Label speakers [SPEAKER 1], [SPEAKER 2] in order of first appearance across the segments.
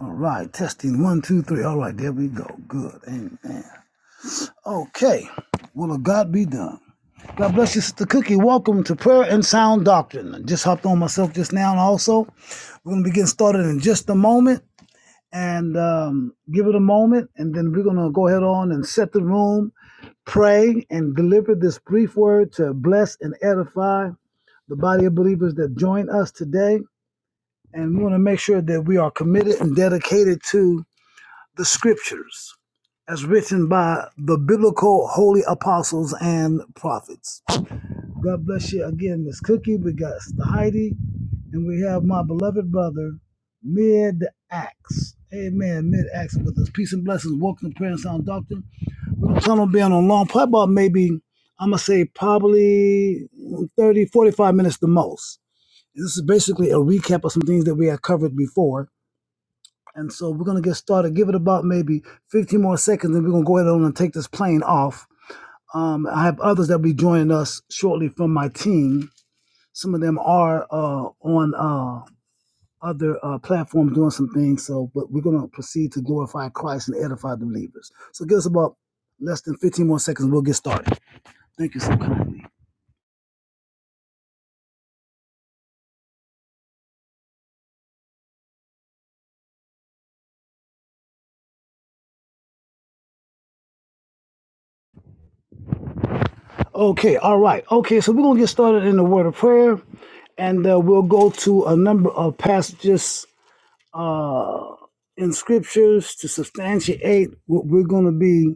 [SPEAKER 1] All right, testing one, two, three. All right, there we go. Good. Amen. Okay. Will of God be done? God bless you, Sister Cookie. Welcome to Prayer and Sound Doctrine. I just hopped on myself just now, and also. We're going to be getting started in just a moment and um, give it a moment, and then we're going to go ahead on and set the room, pray, and deliver this brief word to bless and edify the body of believers that join us today. And we want to make sure that we are committed and dedicated to the scriptures as written by the biblical holy apostles and prophets. God bless you again, Miss Cookie. We got Sister Heidi, and we have my beloved brother, Mid Axe. Amen. Mid Axe with us. Peace and blessings. Welcome to Prayer and Sound Doctrine. We are gonna be on a long, probably about maybe, I'm going to say probably 30, 45 minutes the most. This is basically a recap of some things that we have covered before and so we're gonna get started. Give it about maybe 15 more seconds, and we're gonna go ahead on and take this plane off. Um, I have others that will be joining us shortly from my team. Some of them are uh, on uh, other uh, platforms doing some things. So, but we're gonna proceed to glorify Christ and edify the believers. So, give us about less than 15 more seconds. We'll get started. Thank you so kindly. Okay, all right. Okay, so we're gonna get started in the word of prayer, and uh, we'll go to a number of passages in scriptures to substantiate what we're going to be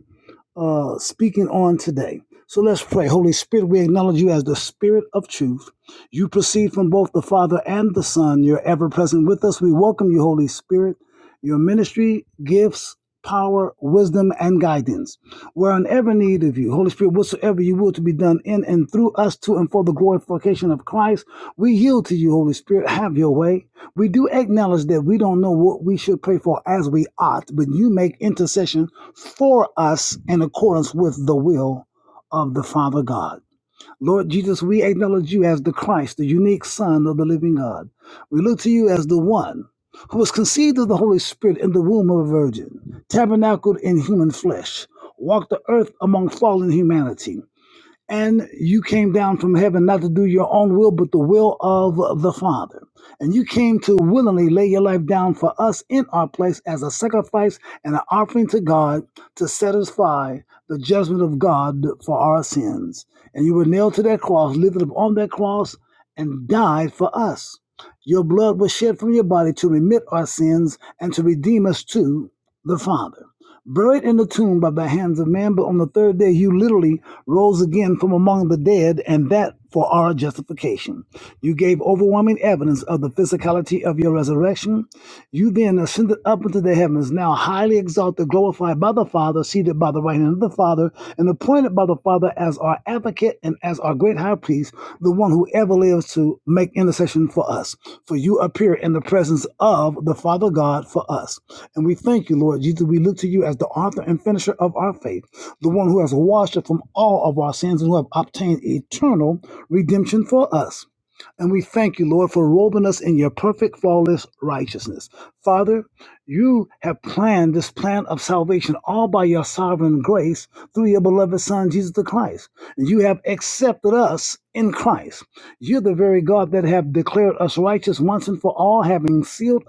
[SPEAKER 1] uh, speaking on today. So let's pray. Holy Spirit, we acknowledge you as the Spirit of truth. You proceed from both the Father and the Son. You're ever present with us. We welcome you, Holy Spirit. Your ministry, gifts, power, wisdom, and guidance. We're unever needed need of you. Holy Spirit, whatsoever you will to be done in and through us to and for the glorification of Christ, we yield to you, Holy Spirit. Have your way. We do acknowledge that we don't know what we should pray for as we ought, but you make intercession for us in accordance with the will of the Father God. Lord Jesus, we acknowledge you as the Christ, the unique Son of the living God. We look to you as the one who was conceived of the Holy Spirit in the womb of a virgin, tabernacled in human flesh, walked the earth among fallen humanity, and you came down from heaven not to do your own will, but the will of the Father. And you came to willingly lay your life down for us in our place as a sacrifice and an offering to God to satisfy the judgment of God for our sins. And you were nailed to that cross, lifted up on that cross, and died for us. Your blood was shed from your body to remit our sins and to redeem us to the Father buried in the tomb by the hands of man, but on the third day you literally rose again from among the dead, and that for our justification. You gave overwhelming evidence of the physicality of your resurrection. You then ascended up into the heavens, now highly exalted, glorified by the Father, seated by the right hand of the Father, and appointed by the Father Father as our advocate and as our great high priest, the one who ever lives to make intercession for us. For you appear in the presence of the Father God for us. And we thank you, Lord Jesus. We look to you as the author and finisher of our faith, the one who has washed us from all of our sins and who have obtained eternal redemption for us. And we thank you, Lord, for robing us in your perfect, flawless righteousness. Father, you have planned this plan of salvation all by your sovereign grace through your beloved Son, Jesus the Christ. And you have accepted us in Christ. You're the very God that have declared us righteous once and for all, having sealed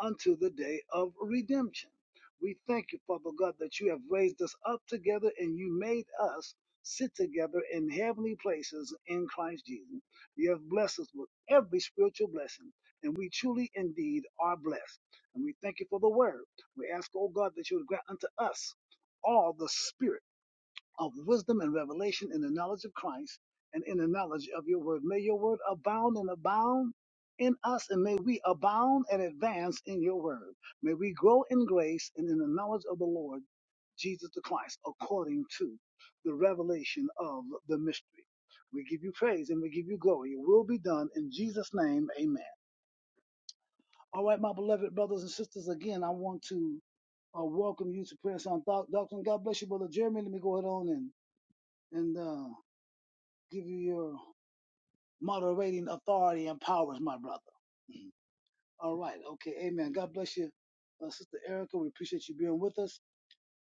[SPEAKER 1] unto the day of redemption. We thank you, Father God, that you have raised us up together and you made us sit together in heavenly places in Christ Jesus. You have blessed us with every spiritual blessing, and we truly indeed are blessed. And we thank you for the word. We ask, oh God, that you would grant unto us all the spirit of wisdom and revelation in the knowledge of Christ and in the knowledge of your word. May your word abound and abound in us, and may we abound and advance in your word. May we grow in grace and in the knowledge of the Lord Jesus the Christ according to the revelation of the mystery. We give you praise and we give you glory. It will be done in Jesus' name. Amen. All right, my beloved brothers and sisters, again, I want to uh, welcome you to Prayer Sound Doc- Doctrine. God bless you, Brother Jeremy. Let me go ahead on and, and uh, give you your moderating authority and powers, my brother. Mhm. All right. Okay. Amen. God bless you, uh, Sister Erica. We appreciate you being with us.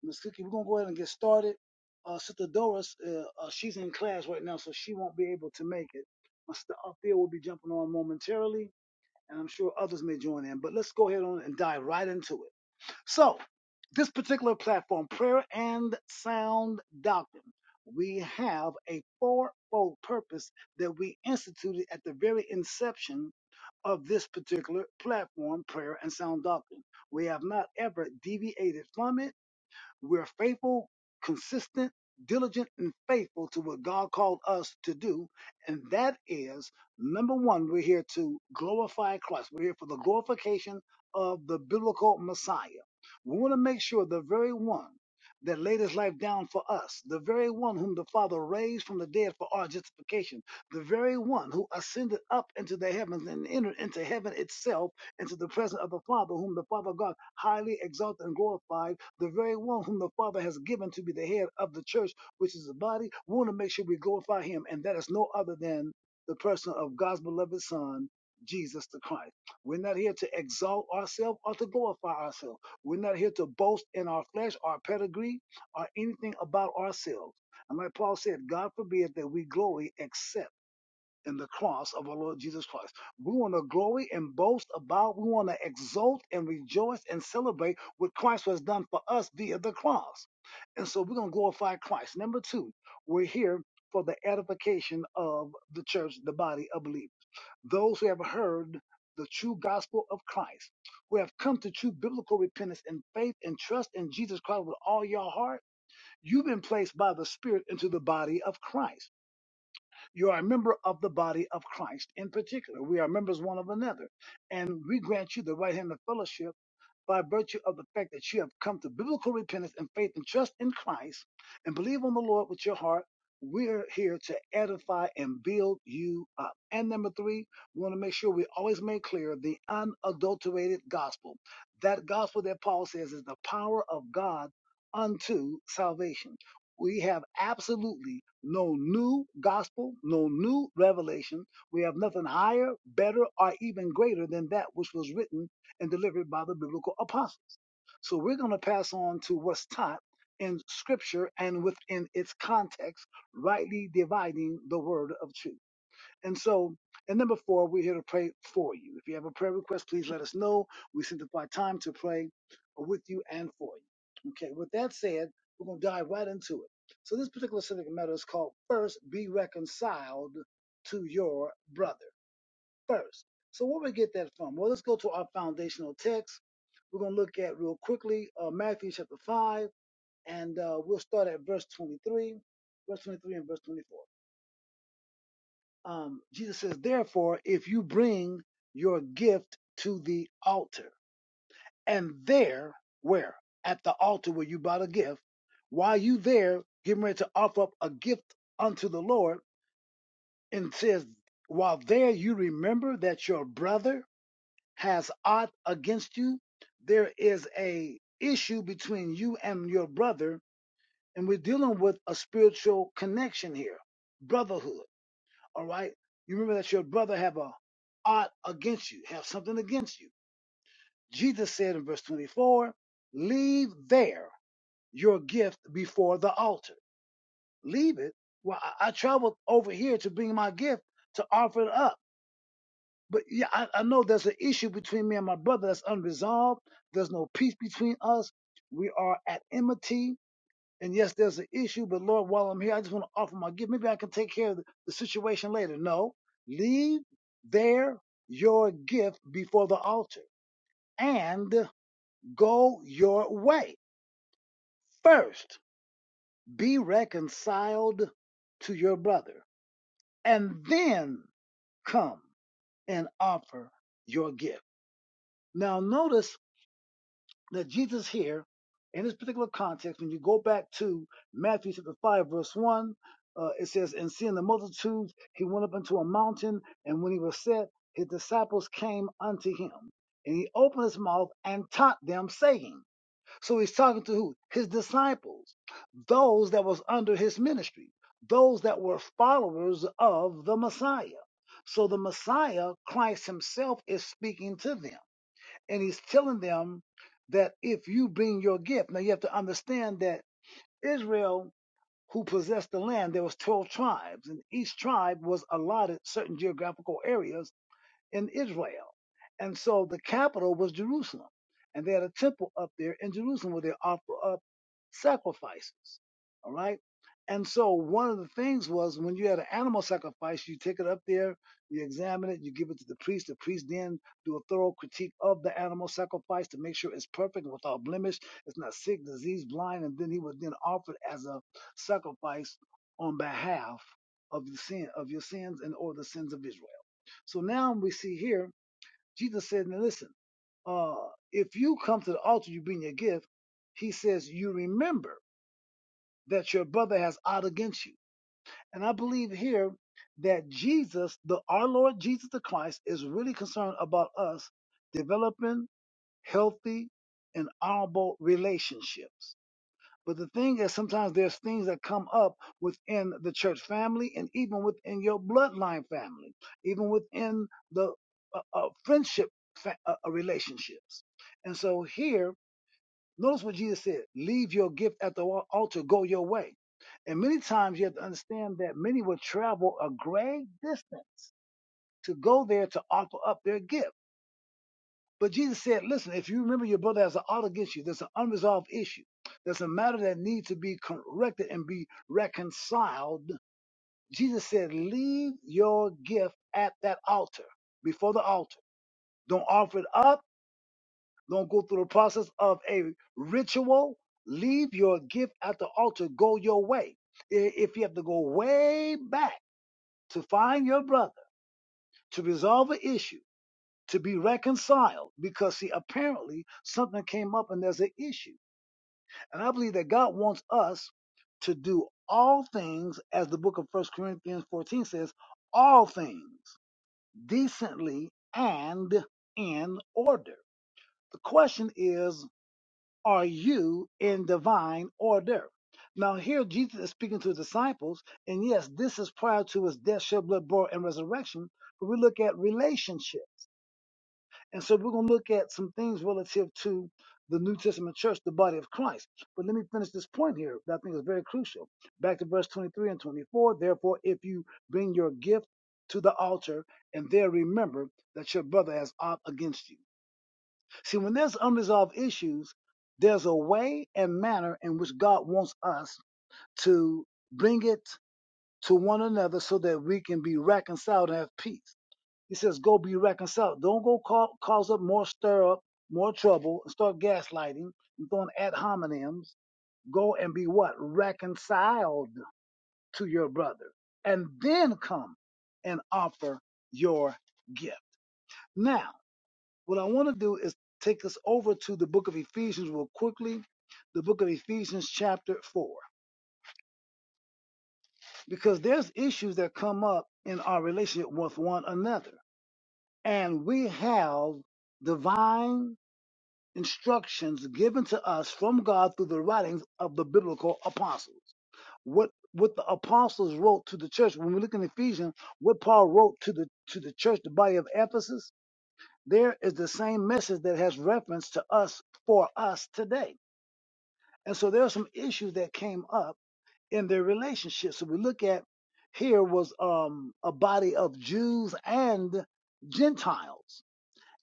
[SPEAKER 1] Miss Cookie, we're going to go ahead and get started. Uh, Sister Doris, uh, uh, she's in class right now, so she won't be able to make it. My sister Althea will be jumping on momentarily, and I'm sure others may join in. But let's go ahead on and dive right into it. So, this particular platform, Prayer and Sound Doctrine, we have a fourfold purpose that we instituted at the very inception of this particular platform, Prayer and Sound Doctrine. We have not ever deviated from it we're faithful, consistent, diligent, and faithful to what God called us to do. And that is number one, we're here to glorify Christ. We're here for the glorification of the biblical Messiah. We want to make sure the very one that laid his life down for us, the very one whom the Father raised from the dead for our justification, the very one who ascended up into the heavens and entered into heaven itself, into the presence of the Father, whom the Father God highly exalted and glorified the very one whom the Father has given to be the head of the church, which is the body. We want to make sure we glorify him, and that is no other than the person of God's beloved Son, Jesus the Christ. We're not here to exalt ourselves or to glorify ourselves. We're not here to boast in our flesh, our pedigree, or anything about ourselves. And like Paul said, God forbid that we glory except in the cross of our Lord Jesus Christ. We want to glory and boast about, we want to exult and rejoice and celebrate what Christ has done for us via the cross. And so we're going to glorify Christ. Number two, we're here for the edification of the church, the body of believers. Those who have heard the true gospel of Christ, who have come to true biblical repentance and faith and trust in Jesus Christ with all your heart, you've been placed by the Spirit into the body of Christ. You are a member of the body of Christ in particular. We are members one of another. And we grant you the right hand of fellowship by virtue of the fact that you have come to biblical repentance and faith and trust in Christ and believe on the Lord with your heart, we're here to edify and build you up. And number three, we want to make sure we always make clear the unadulterated gospel. That gospel that Paul says is the power of God unto salvation. We have absolutely no new gospel, no new revelation. We have nothing higher, better, or even greater than that which was written and delivered by the biblical apostles. So we're going to pass on to what's taught in scripture and within its context, rightly dividing the word of truth. And so, and number four, we're here to pray for you. If you have a prayer request, please let us know. We sanctify time to pray with you and for you. Okay, with that said, we're going to dive right into it. So this particular subject matter is called First Be Reconciled to Your Brother first. So where we get that from? Well, let's go to our foundational text. We're going to look at real quickly uh, Matthew chapter 5, and uh, we'll start at verse 23, verse 23 and verse 24. Um, Jesus says, Therefore, if you bring your gift to the altar, and there, where? At the altar where you bought a gift, while you there, getting ready to offer up a gift unto the Lord, and it says, While there you remember that your brother has aught against you, there is a issue between you and your brother, and we're dealing with a spiritual connection here, brotherhood. All right, you remember that your brother have a aught against you, have something against you. Jesus said in verse 24, "Leave there your gift before the altar. Leave it. Well, I, I traveled over here to bring my gift to offer it up." But yeah, I, I know there's an issue between me and my brother that's unresolved. There's no peace between us. We are at enmity. And yes, there's an issue, but Lord, while I'm here, I just want to offer my gift. Maybe I can take care of the, the situation later. No, leave there your gift before the altar and go your way. First, be reconciled to your brother and then come and offer your gift. Now, notice Now, Jesus here, in this particular context, when you go back to Matthew chapter 5, verse 1, uh, it says, And seeing the multitudes, he went up into a mountain, and when he was set, his disciples came unto him. And he opened his mouth and taught them, saying, So he's talking to who? His disciples, those that was under his ministry, those that were followers of the Messiah. So the Messiah, Christ himself, is speaking to them and he's telling them that if you bring your gift, now you have to understand that Israel, who possessed the land, there was twelve tribes, and each tribe was allotted certain geographical areas in Israel. And so the capital was Jerusalem. And they had a temple up there in Jerusalem where they offer up sacrifices. All right. And so one of the things was when you had an animal sacrifice, you take it up there, you examine it, you give it to the priest. The priest then do a thorough critique of the animal sacrifice to make sure it's perfect, without blemish, it's not sick, diseased, blind, and then he would then offer it as a sacrifice on behalf of the sin of your sins and or the sins of Israel. So now we see here, Jesus said, now listen, uh, if you come to the altar, you bring your gift. He says, you remember that your brother has ought against you. And I believe here that Jesus, the our Lord Jesus the Christ, is really concerned about us developing healthy and honorable relationships. But the thing is, sometimes there's things that come up within the church family and even within your bloodline family, even within the uh, uh, friendship fa- uh, uh, relationships. And so here, notice what Jesus said leave your gift at the wa- altar, go your way. And many times you have to understand that many will travel a great distance to go there to offer up their gift. But Jesus said, listen, if you remember your brother has an ought against you, there's an unresolved issue. There's a matter that needs to be corrected and be reconciled. Jesus said, leave your gift at that altar, before the altar. Don't offer it up. Don't go through the process of a ritual. Leave your gift at the altar. Go your way. I- If you have to go way back to find your brother, to resolve an issue, to be reconciled because see apparently something came up and there's an issue and i believe that god wants us to do all things as the book of first corinthians 14 says all things decently and in order the question is are you in divine order now here jesus is speaking to his disciples and yes this is prior to his death shed blood burial and resurrection but we look at relationship And so we're going to look at some things relative to the New Testament church, the body of Christ. But let me finish this point here that I think is very crucial. Back to verse 23 and 24. Therefore, if you bring your gift to the altar and there remember that your brother has ought against you. See, when there's unresolved issues, there's a way and manner in which God wants us to bring it to one another so that we can be reconciled and have peace. He says, go be reconciled. Don't go call, cause up more stir up, more trouble, and start gaslighting and throwing ad hominems. Go and be what? Reconciled to your brother. And then come and offer your gift. Now, what I want to do is take us over to the book of Ephesians real quickly, the book of Ephesians, chapter 4, because there's issues that come up in our relationship with one another. And we have divine instructions given to us from God through the writings of the biblical apostles. What what the apostles wrote to the church, when we look in Ephesians, what Paul wrote to the to the church, the body of Ephesus, there is the same message that has reference to us for us today. And so there are some issues that came up in their relationship. So we look at here was um, a body of Jews and Gentiles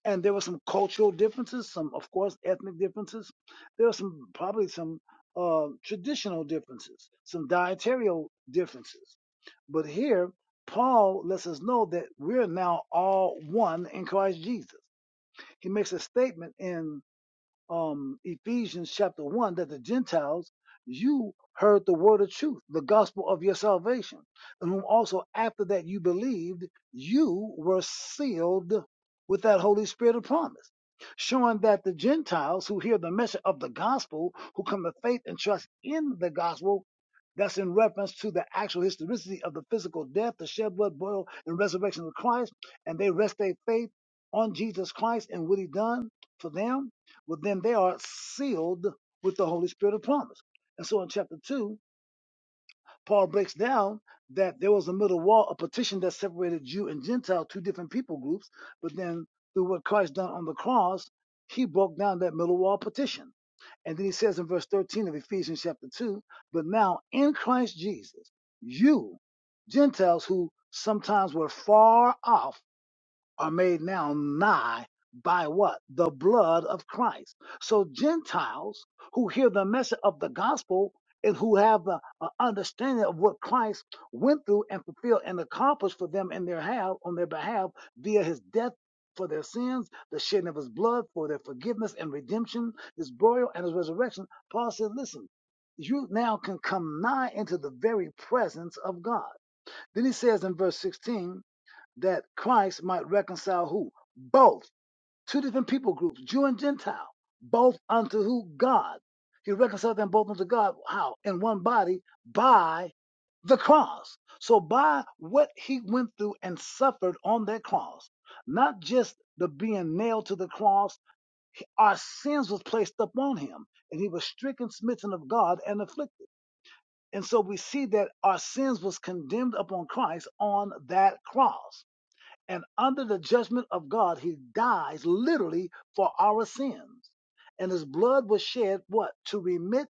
[SPEAKER 1] and there were some cultural differences, some, of course, ethnic differences. There were some, probably some uh, traditional differences, some dietarial differences. But here, Paul lets us know that we're now all one in Christ Jesus. He makes a statement in um, Ephesians chapter 1 that the Gentiles, you heard the word of truth, the gospel of your salvation, and whom also after that you believed, you were sealed with that Holy Spirit of promise. Showing that the Gentiles who hear the message of the gospel, who come to faith and trust in the gospel, that's in reference to the actual historicity of the physical death, the shed blood, burial, and resurrection of Christ, and they rest their faith on Jesus Christ and what he done for them well, then they are sealed with the Holy Spirit of promise. And so in chapter 2, Paul breaks down that there was a middle wall, a partition that separated Jew and Gentile, two different people groups. But then through what Christ done on the cross, he broke down that middle wall partition. And then he says in verse 13 of Ephesians chapter 2, but now in Christ Jesus, you, Gentiles who sometimes were far off, are made now nigh by what? The blood of Christ. So Gentiles who hear the message of the gospel and who have the uh, understanding of what Christ went through and fulfilled and accomplished for them in their have on their behalf via his death for their sins, the shedding of his blood for their forgiveness and redemption, his burial and his resurrection. Paul said, listen, you now can come nigh into the very presence of God. Then he says in verse 16, that Christ might reconcile who? Both. Two different people groups, Jew and Gentile, both unto who? God. He reconciled them both unto God. How? In one body by the cross. So by what he went through and suffered on that cross, not just the being nailed to the cross, he- our sins was placed upon him, and he was stricken, smitten of God, and afflicted. And so we see that our sins was condemned upon Christ on that cross. And under the judgment of God, he dies literally for our sins. And his blood was shed, what? To remit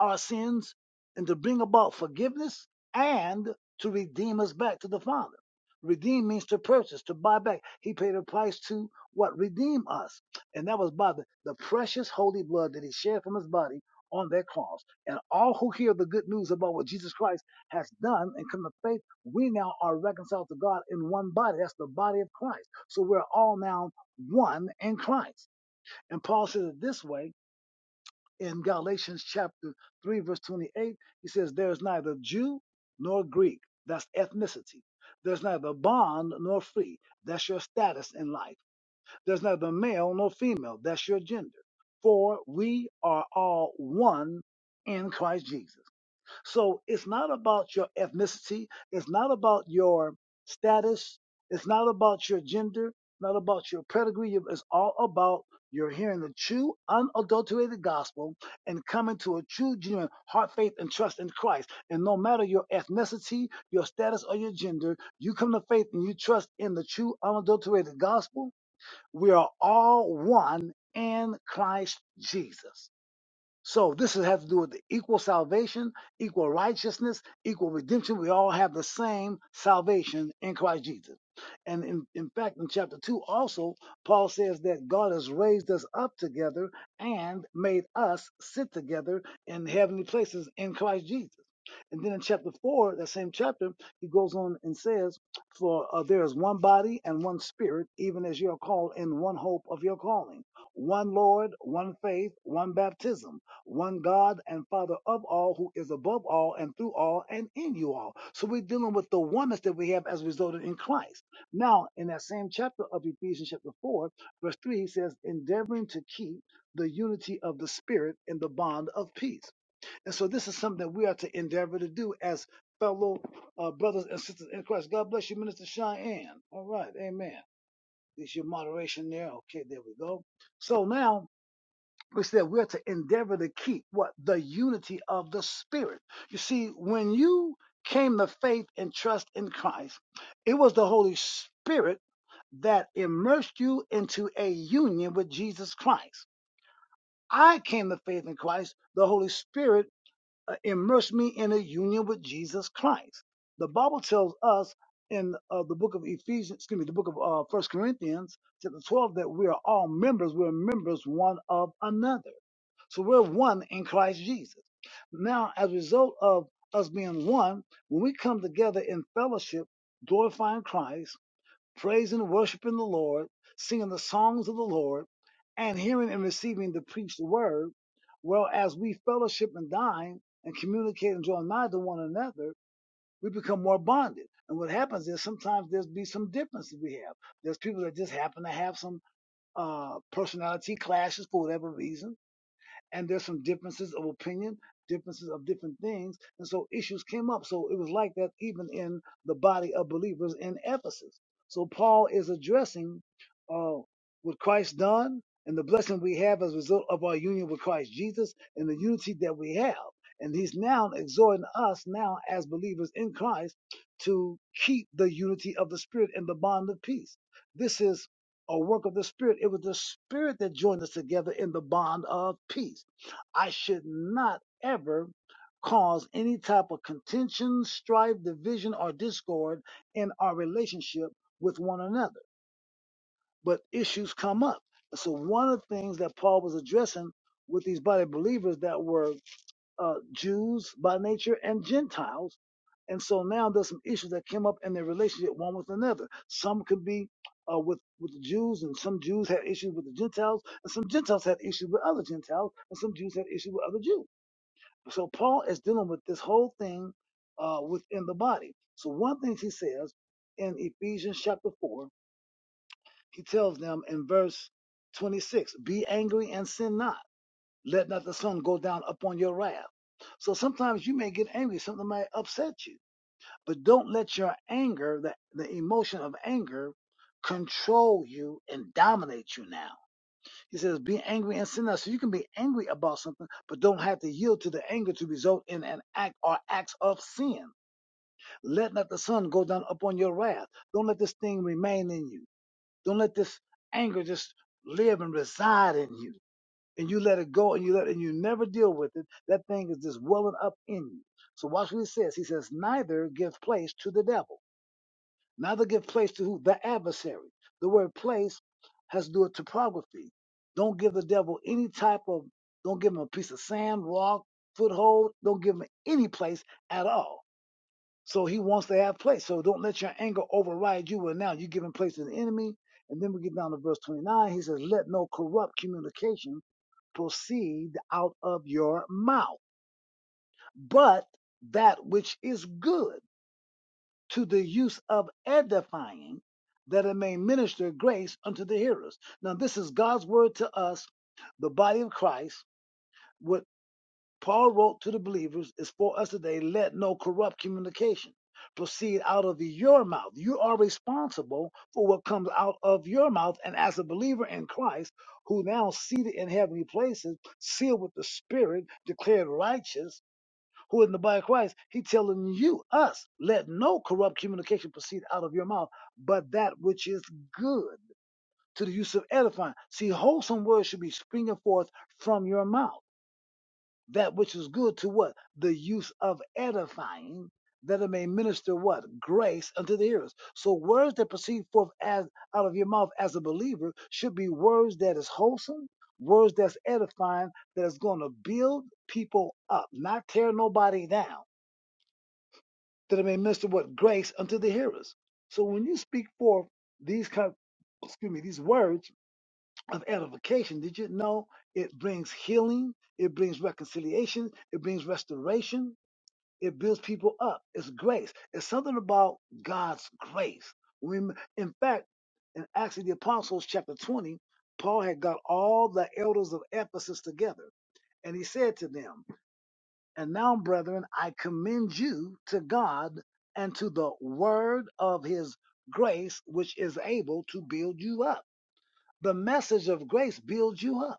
[SPEAKER 1] our sins and to bring about forgiveness and to redeem us back to the Father. Redeem means to purchase, to buy back. He paid a price to what? Redeem us. And that was by the, the precious holy blood that he shed from his body on that cross. And all who hear the good news about what Jesus Christ has done and come to faith, we now are reconciled to God in one body. That's the body of Christ. So we're all now one in Christ. And Paul says it this way in Galatians chapter 3, verse 28, he says, There's neither Jew nor Greek. That's ethnicity. There's neither bond nor free. That's your status in life. There's neither male nor female. That's your gender. For we are all one in Christ Jesus. So it's not about your ethnicity. It's not about your status. It's not about your gender. Not about your pedigree. It's all about you're hearing the true, unadulterated gospel and coming to a true, genuine heart, faith, and trust in Christ. And no matter your ethnicity, your status, or your gender, you come to faith and you trust in the true, unadulterated gospel. We are all one in Christ Jesus. So this has to do with equal salvation, equal righteousness, equal redemption. We all have the same salvation in Christ Jesus. And in, in fact, in chapter 2 also, Paul says that God has raised us up together and made us sit together in heavenly places in Christ Jesus. And then in chapter four, that same chapter, he goes on and says, For uh, there is one body and one spirit, even as you are called in one hope of your calling, one Lord, one faith, one baptism, one God and Father of all, who is above all and through all and in you all. So we're dealing with the oneness that we have as a result in Christ. Now, in that same chapter of Ephesians, chapter 4, verse 3, he says, Endeavoring to keep the unity of the Spirit in the bond of peace. And so this is something that we are to endeavor to do as fellow uh, brothers and sisters in Christ. God bless you, Minister Cheyenne. All right, amen. There's your moderation there. Okay, there we go. So now we said we're to endeavor to keep what? The unity of the Spirit. You see, when you came to faith and trust in Christ, it was the Holy Spirit that immersed you into a union with Jesus Christ. I came to faith in Christ. The Holy Spirit uh, immerse me in a union with Jesus Christ. The Bible tells us in uh, the book of Ephesians, excuse me, the book of uh, First Corinthians, chapter twelve, that we are all members. We're members one of another. So we're one in Christ Jesus. Now, as a result of us being one, when we come together in fellowship, glorifying Christ praising and worshiping the Lord, singing the songs of the Lord, and hearing and receiving the preached word, well as we fellowship and dine and communicate and join mind to one another, we become more bonded. And what happens is sometimes there's be some differences we have. There's people that just happen to have some uh, personality clashes for whatever reason and there's some differences of opinion, differences of different things, and so issues came up. So it was like that even in the body of believers in Ephesus. So Paul is addressing uh, what Christ done and the blessing we have as a result of our union with Christ Jesus and the unity that we have. And he's now exhorting us now as believers in Christ to keep the unity of the Spirit and the bond of peace. This is a work of the Spirit. It was the Spirit that joined us together in the bond of peace. I should not ever cause any type of contention, strife, division, or discord in our relationship with one another. But issues come up. So, one of the things that Paul was addressing with these body believers that were uh, Jews by nature and Gentiles. And so now there's some issues that came up in their relationship one with another. Some could be uh, with with the Jews, and some Jews had issues with the Gentiles, and some Gentiles had issues with other Gentiles, and some Jews had issues with other Jews. So Paul is dealing with this whole thing uh, within the body. So one thing he says in Ephesians chapter four, he tells them in verse 26, "Be angry and sin not." Let not the sun go down upon your wrath. So sometimes you may get angry, something might upset you, but don't let your anger, the, the emotion of anger, control you and dominate you now. He says, be angry and sin not. So you can be angry about something, but don't have to yield to the anger to result in an act or acts of sin. Let not the sun go down upon your wrath. Don't let this thing remain in you. Don't let this anger just live and reside in you and you let it go and you let and you never deal with it, that thing is just welling up in you. So watch what he says. He says, neither give place to the devil. Neither give place to who? The adversary. The word place has to do with topography. Don't give the devil any type of, don't give him a piece of sand, rock, foothold. Don't give him any place at all so he wants to have place. So don't let your anger override you. Well, now you're giving place to the enemy. And then we get down to verse 29. He says, Let no corrupt communication proceed out of your mouth, but that which is good to the use of edifying, that it may minister grace unto the hearers. Now, this is God's word to us, the body of Christ. with Paul wrote to the believers, is for us today, let no corrupt communication proceed out of your mouth. You are responsible for what comes out of your mouth. And as a believer in Christ, who now seated in heavenly places, sealed with the Spirit, declared righteous, who in the body of Christ, he telling you, us, let no corrupt communication proceed out of your mouth, but that which is good to the use of edifying. See, wholesome words should be springing forth from your mouth that which is good to what? The use of edifying, that it may minister what? Grace unto the hearers. So words that proceed forth as out of your mouth as a believer should be words that is wholesome, words that's edifying, that is going to build people up, not tear nobody down, that it may minister what? Grace unto the hearers. So when you speak forth these kind of, excuse me, these words, of edification. Did you know it brings healing? It brings reconciliation. It brings restoration. It builds people up. It's grace. It's something about God's grace. We, in fact, in Acts of the Apostles, chapter 20, Paul had got all the elders of Ephesus together, and he said to them, And now, brethren, I commend you to God and to the word of his grace, which is able to build you up. The message of grace builds you up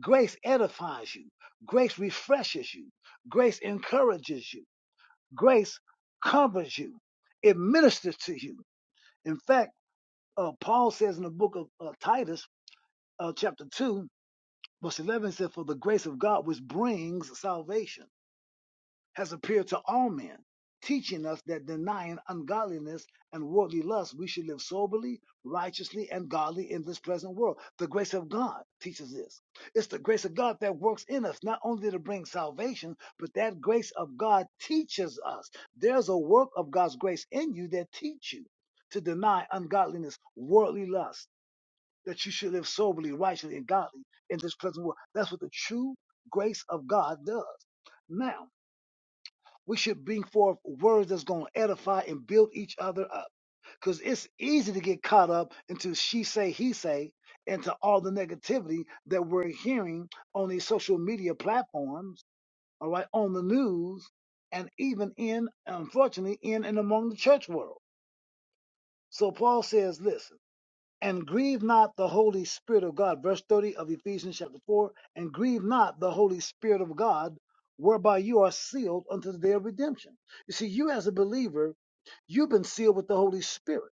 [SPEAKER 1] Grace edifies you. Grace refreshes you. Grace encourages you. Grace covers you. It ministers to you. In fact, uh, Paul says in the book of uh, Titus, uh, chapter 2, verse 11, said, For the grace of God which brings salvation has appeared to all men, teaching us that denying ungodliness and worldly lust, we should live soberly, righteously, and godly in this present world. The grace of God teaches this. It's the grace of God that works in us, not only to bring salvation, but that grace of God teaches us. There's a work of God's grace in you that teach you to deny ungodliness, worldly lust, that you should live soberly, righteously, and godly in this present world. That's what the true grace of God does. Now, we should bring forth words that's going to edify and build each other up. Because it's easy to get caught up into she say, he say, and to all the negativity that we're hearing on these social media platforms, all right, on the news, and even in, unfortunately, in and among the church world. So Paul says, listen and grieve not the Holy Spirit of God. Verse 30 of Ephesians chapter 4 and grieve not the Holy Spirit of God, whereby you are sealed unto the day of redemption. You see, you as a believer, you've been sealed with the Holy Spirit.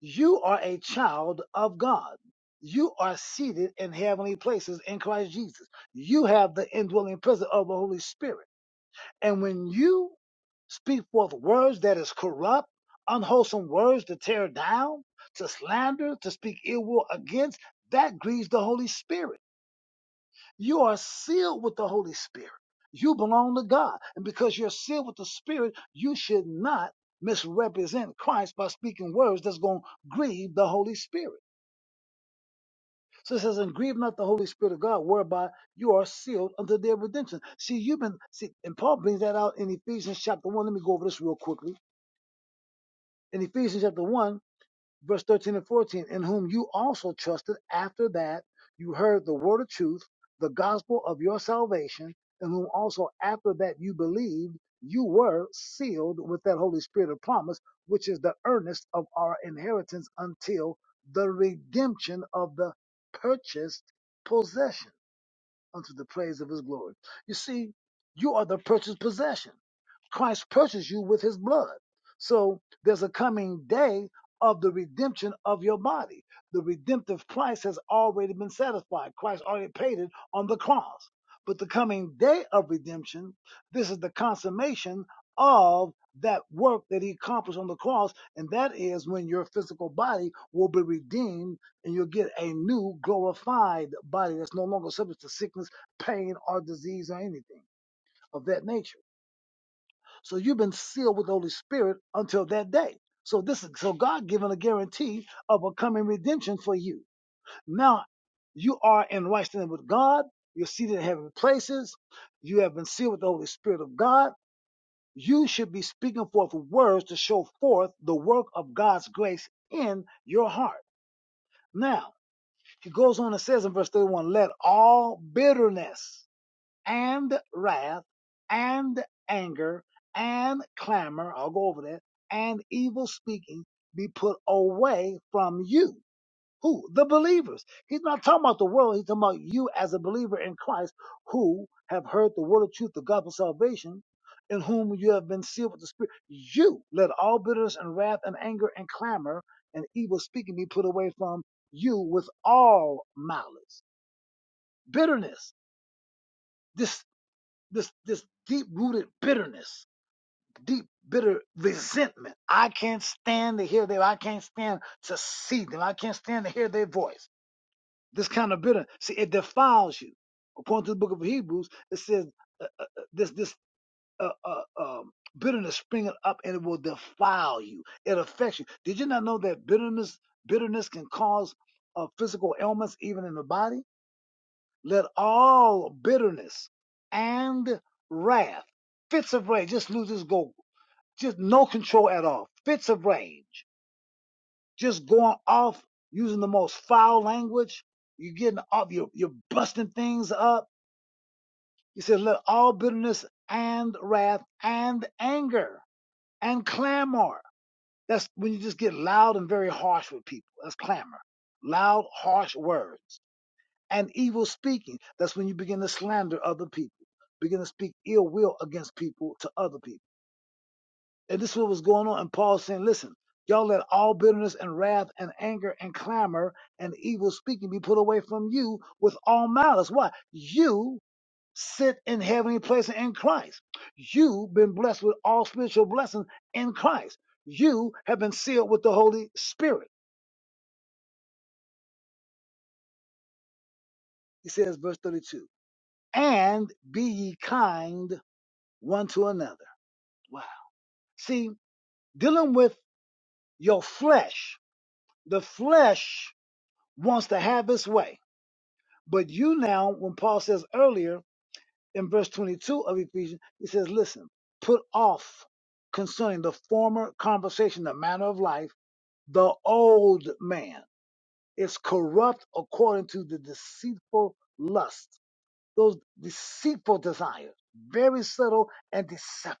[SPEAKER 1] You are a child of God. You are seated in heavenly places in Christ Jesus. You have the indwelling presence of the Holy Spirit. And when you speak forth words that is corrupt, unwholesome words to tear down, to slander, to speak ill will against, that grieves the Holy Spirit. You are sealed with the Holy Spirit. You belong to God. And because you're sealed with the Spirit, you should not misrepresent Christ by speaking words that's going to grieve the Holy Spirit. So it says, and grieve not the Holy Spirit of God, whereby you are sealed unto their redemption. See, you've been, see, and Paul brings that out in Ephesians chapter 1. Let me go over this real quickly. In Ephesians chapter 1, verse 13 and 14, in whom you also trusted after that you heard the word of truth, the gospel of your salvation, in whom also after that you believed, you were sealed with that Holy Spirit of promise, which is the earnest of our inheritance until the redemption of the purchased possession unto the praise of his glory. You see, you are the purchased possession. Christ purchased you with his blood. So there's a coming day of the redemption of your body. The redemptive price has already been satisfied. Christ already paid it on the cross. But the coming day of redemption, this is the consummation of that work that he accomplished on the cross. And that is when your physical body will be redeemed and you'll get a new glorified body that's no longer subject to sickness, pain, or disease or anything of that nature. So you've been sealed with the Holy Spirit until that day. So this is so God given a guarantee of a coming redemption for you. Now you are in right standing with God. You're seated in heavenly places. You have been sealed with the Holy Spirit of God. You should be speaking forth words to show forth the work of God's grace in your heart. Now, he goes on and says in verse 31, let all bitterness and wrath and anger and clamor, I'll go over that, and evil speaking be put away from you. Who? The believers. He's not talking about the world. He's talking about you as a believer in Christ who have heard the word of truth, the gospel of salvation, in whom you have been sealed with the Spirit. You let all bitterness and wrath and anger and clamor and evil speaking be put away from you with all malice, bitterness, This this this deep rooted bitterness, deep bitter resentment. I can't stand to hear them. I can't stand to see them. I can't stand to hear their voice. This kind of bitter, see, it defiles you. According to the book of Hebrews, it says uh, uh, uh, this this uh, uh, um, bitterness springing up and it will defile you. It affects you. Did you not know that bitterness bitterness can cause uh, physical ailments even in the body? Let all bitterness and wrath, fits of rage, just lose this go, just no control at all. Fits of rage, just going off using the most foul language. You're getting off, you're, you're busting things up. He said let all bitterness and wrath and anger and clamor. That's when you just get loud and very harsh with people. That's clamor. Loud, harsh words. and evil speaking. That's when you begin to slander other people, begin to speak ill will against people to other people. And this is what was going on. And Paul saying, listen, y'all let all bitterness and wrath and anger and clamor and evil speaking be put away from you with all malice. Why? You sit in heavenly places in Christ. You've been blessed with all spiritual blessings in Christ. You have been sealed with the Holy Spirit. He says, verse 32, and be ye kind one to another Wow. See, dealing with your flesh, the flesh wants to have its way. But you now, when Paul says earlier in verse 22 of Ephesians, he says, listen, put off concerning the former conversation, the manner of life, the old man is corrupt according to the deceitful lust, those deceitful desires, very subtle and deceptive.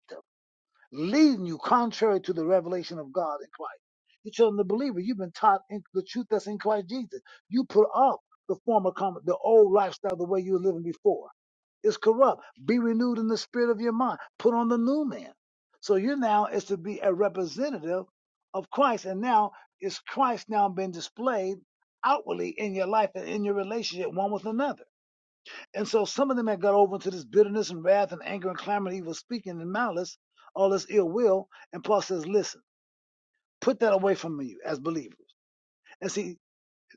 [SPEAKER 1] leading you contrary to the revelation of God in Christ. You're telling the believer. You've been taught in the truth that's in Christ Jesus. You put off the former, com- the old lifestyle, the way you were living before. It's corrupt. Be renewed in the spirit of your mind. Put on the new man. So you're now is to be a representative of Christ, and now is Christ now being displayed outwardly in your life and in your relationship one with another. And so some of them had got over into this bitterness and wrath and anger and clamor and evil speaking and malice, all this ill will. And Paul says, listen, put that away from you as believers. And see,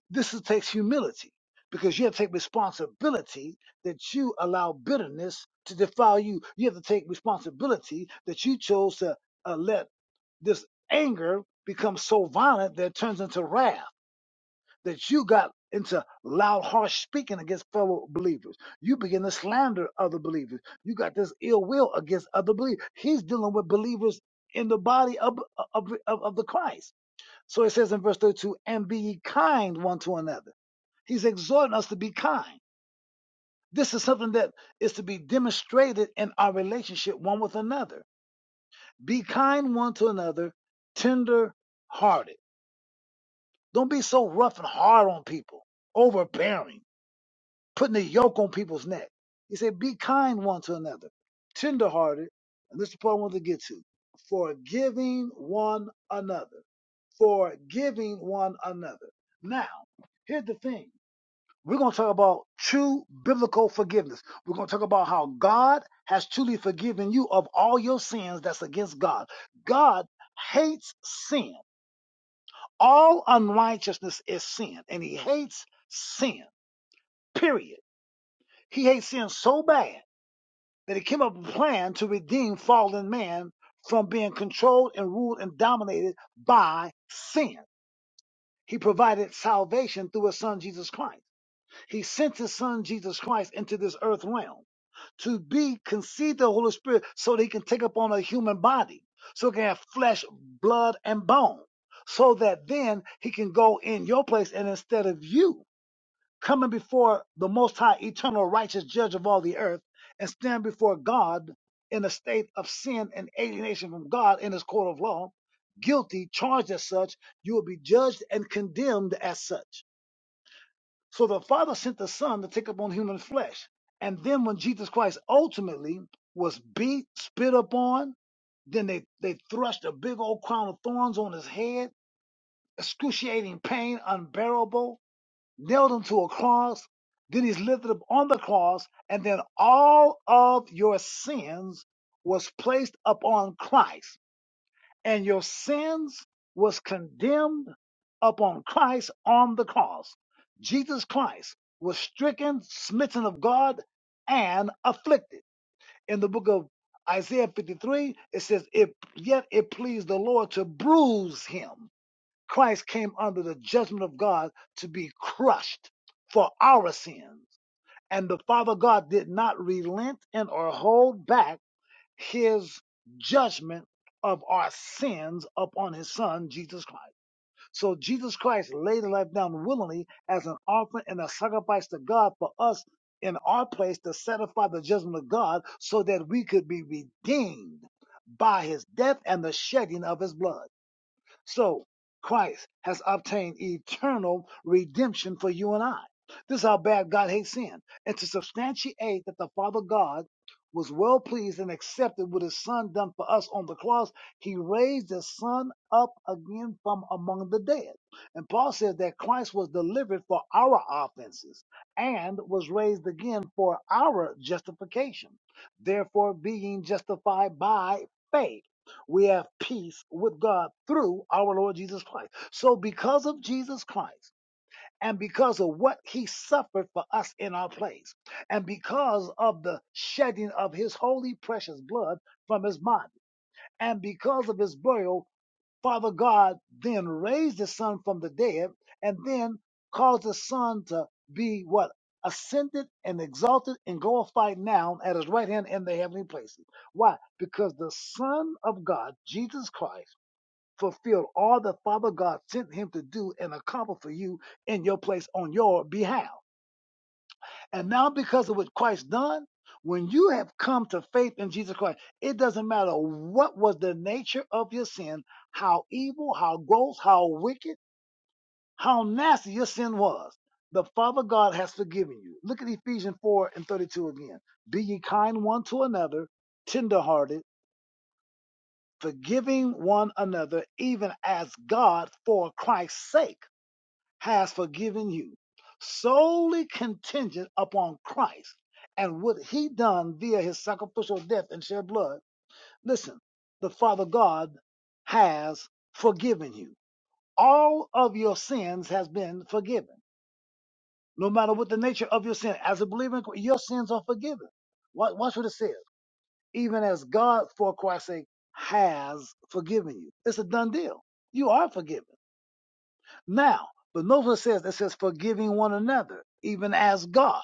[SPEAKER 1] this is, takes humility because you have to take responsibility that you allow bitterness to defile you. You have to take responsibility that you chose to uh, let this anger become so violent that it turns into wrath that you got into loud, harsh speaking against fellow believers. You begin to slander other believers. You got this ill will against other believers. He's dealing with believers in the body of, of, of, of the Christ. So it says in verse 32, and be ye kind one to another. He's exhorting us to be kind. This is something that is to be demonstrated in our relationship one with another. Be kind one to another, tender hearted. Don't be so rough and hard on people, overbearing putting a yoke on people's neck. He said, Be kind one to another, tenderhearted, and this is the part I want to get to, forgiving one another, forgiving one another. Now, here's the thing. We're going to talk about true biblical forgiveness. We're going to talk about how God has truly forgiven you of all your sins that's against God. God hates sin. All unrighteousness is sin, and He hates sin, period. He hates sin so bad that he came up with a plan to redeem fallen man from being controlled and ruled and dominated by sin. He provided salvation through his son Jesus Christ. He sent his son Jesus Christ into this earth realm to be conceived of the Holy Spirit so that he can take upon a human body, so he can have flesh, blood, and bone, so that then he can go in your place and instead of you coming before the Most High, eternal, righteous judge of all the earth, and stand before God in a state of sin and alienation from God in his court of law, guilty, charged as such, you will be judged and condemned as such. So the Father sent the Son to take upon human flesh. And then when Jesus Christ ultimately was beat, spit upon, then they, they thrust a big old crown of thorns on his head, excruciating pain, unbearable nailed him to a cross. Then he's lifted up on the cross, and then all of your sins was placed upon Christ, and your sins was condemned upon Christ on the cross. Jesus Christ was stricken, smitten of God, and afflicted. In the book of Isaiah 53, it says, "If yet it pleased the Lord to bruise him." Christ came under the judgment of God to be crushed for our sins. And the Father God did not relent and or hold back his judgment of our sins upon his son, Jesus Christ. So Jesus Christ laid his life down willingly as an offering and a sacrifice to God for us in our place to satisfy the judgment of God so that we could be redeemed by his death and the shedding of his blood. So Christ has obtained eternal redemption for you and I. This is how bad God hates sin. And to substantiate that the Father God was well pleased and accepted with his son done for us on the cross, he raised his son up again from among the dead. And Paul says that Christ was delivered for our offenses and was raised again for our justification. Therefore, being justified by faith we have peace with God through our Lord Jesus Christ. So, because of Jesus Christ, and because of what he suffered for us in our place, and because of the shedding of his holy, precious blood from his body, and because of his burial, Father God then raised his son from the dead and then caused the son to be what? Ascended and exalted and glorified now at his right hand in the heavenly places. Why? Because the Son of God, Jesus Christ, fulfill all that Father God sent him to do and accomplish for you in your place on your behalf. And now, because of what Christ done, when you have come to faith in Jesus Christ, it doesn't matter what was the nature of your sin, how evil, how gross, how wicked, how nasty your sin was. The Father God has forgiven you. Look at Ephesians 4 and 32 again. Be ye kind one to another, tenderhearted, forgiving one another, even as God for Christ's sake has forgiven you, solely contingent upon Christ and what he done via his sacrificial death and shed blood. Listen, the Father God has forgiven you. All of your sins has been forgiven. No matter what the nature of your sin, as a believer, in Christ, your sins are forgiven. Wa- Watch what it says. Even as God, for Christ's sake, has forgiven you. It's a done deal. You are forgiven. Now, but Nova says it says forgiving one another, even as God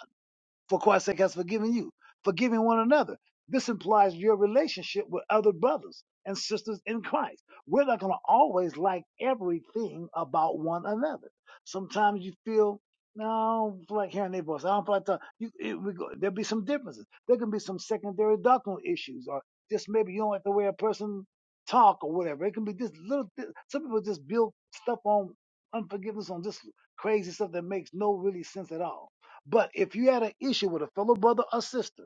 [SPEAKER 1] for Christ's sake has forgiven you. Forgiving one another. This implies your relationship with other brothers and sisters in Christ. We're not going to always like everything about one another. Sometimes you feel, no, I don't feel like hearing their voice. I don't feel like talking. You, it, we go, there'll be some differences. There can be some secondary doctrinal issues, or just maybe you don't like the way a person talk or whatever. It can be just little. Th- some people just build stuff on unforgiveness on just crazy stuff that makes no really sense at all but if you had an issue with a fellow brother or sister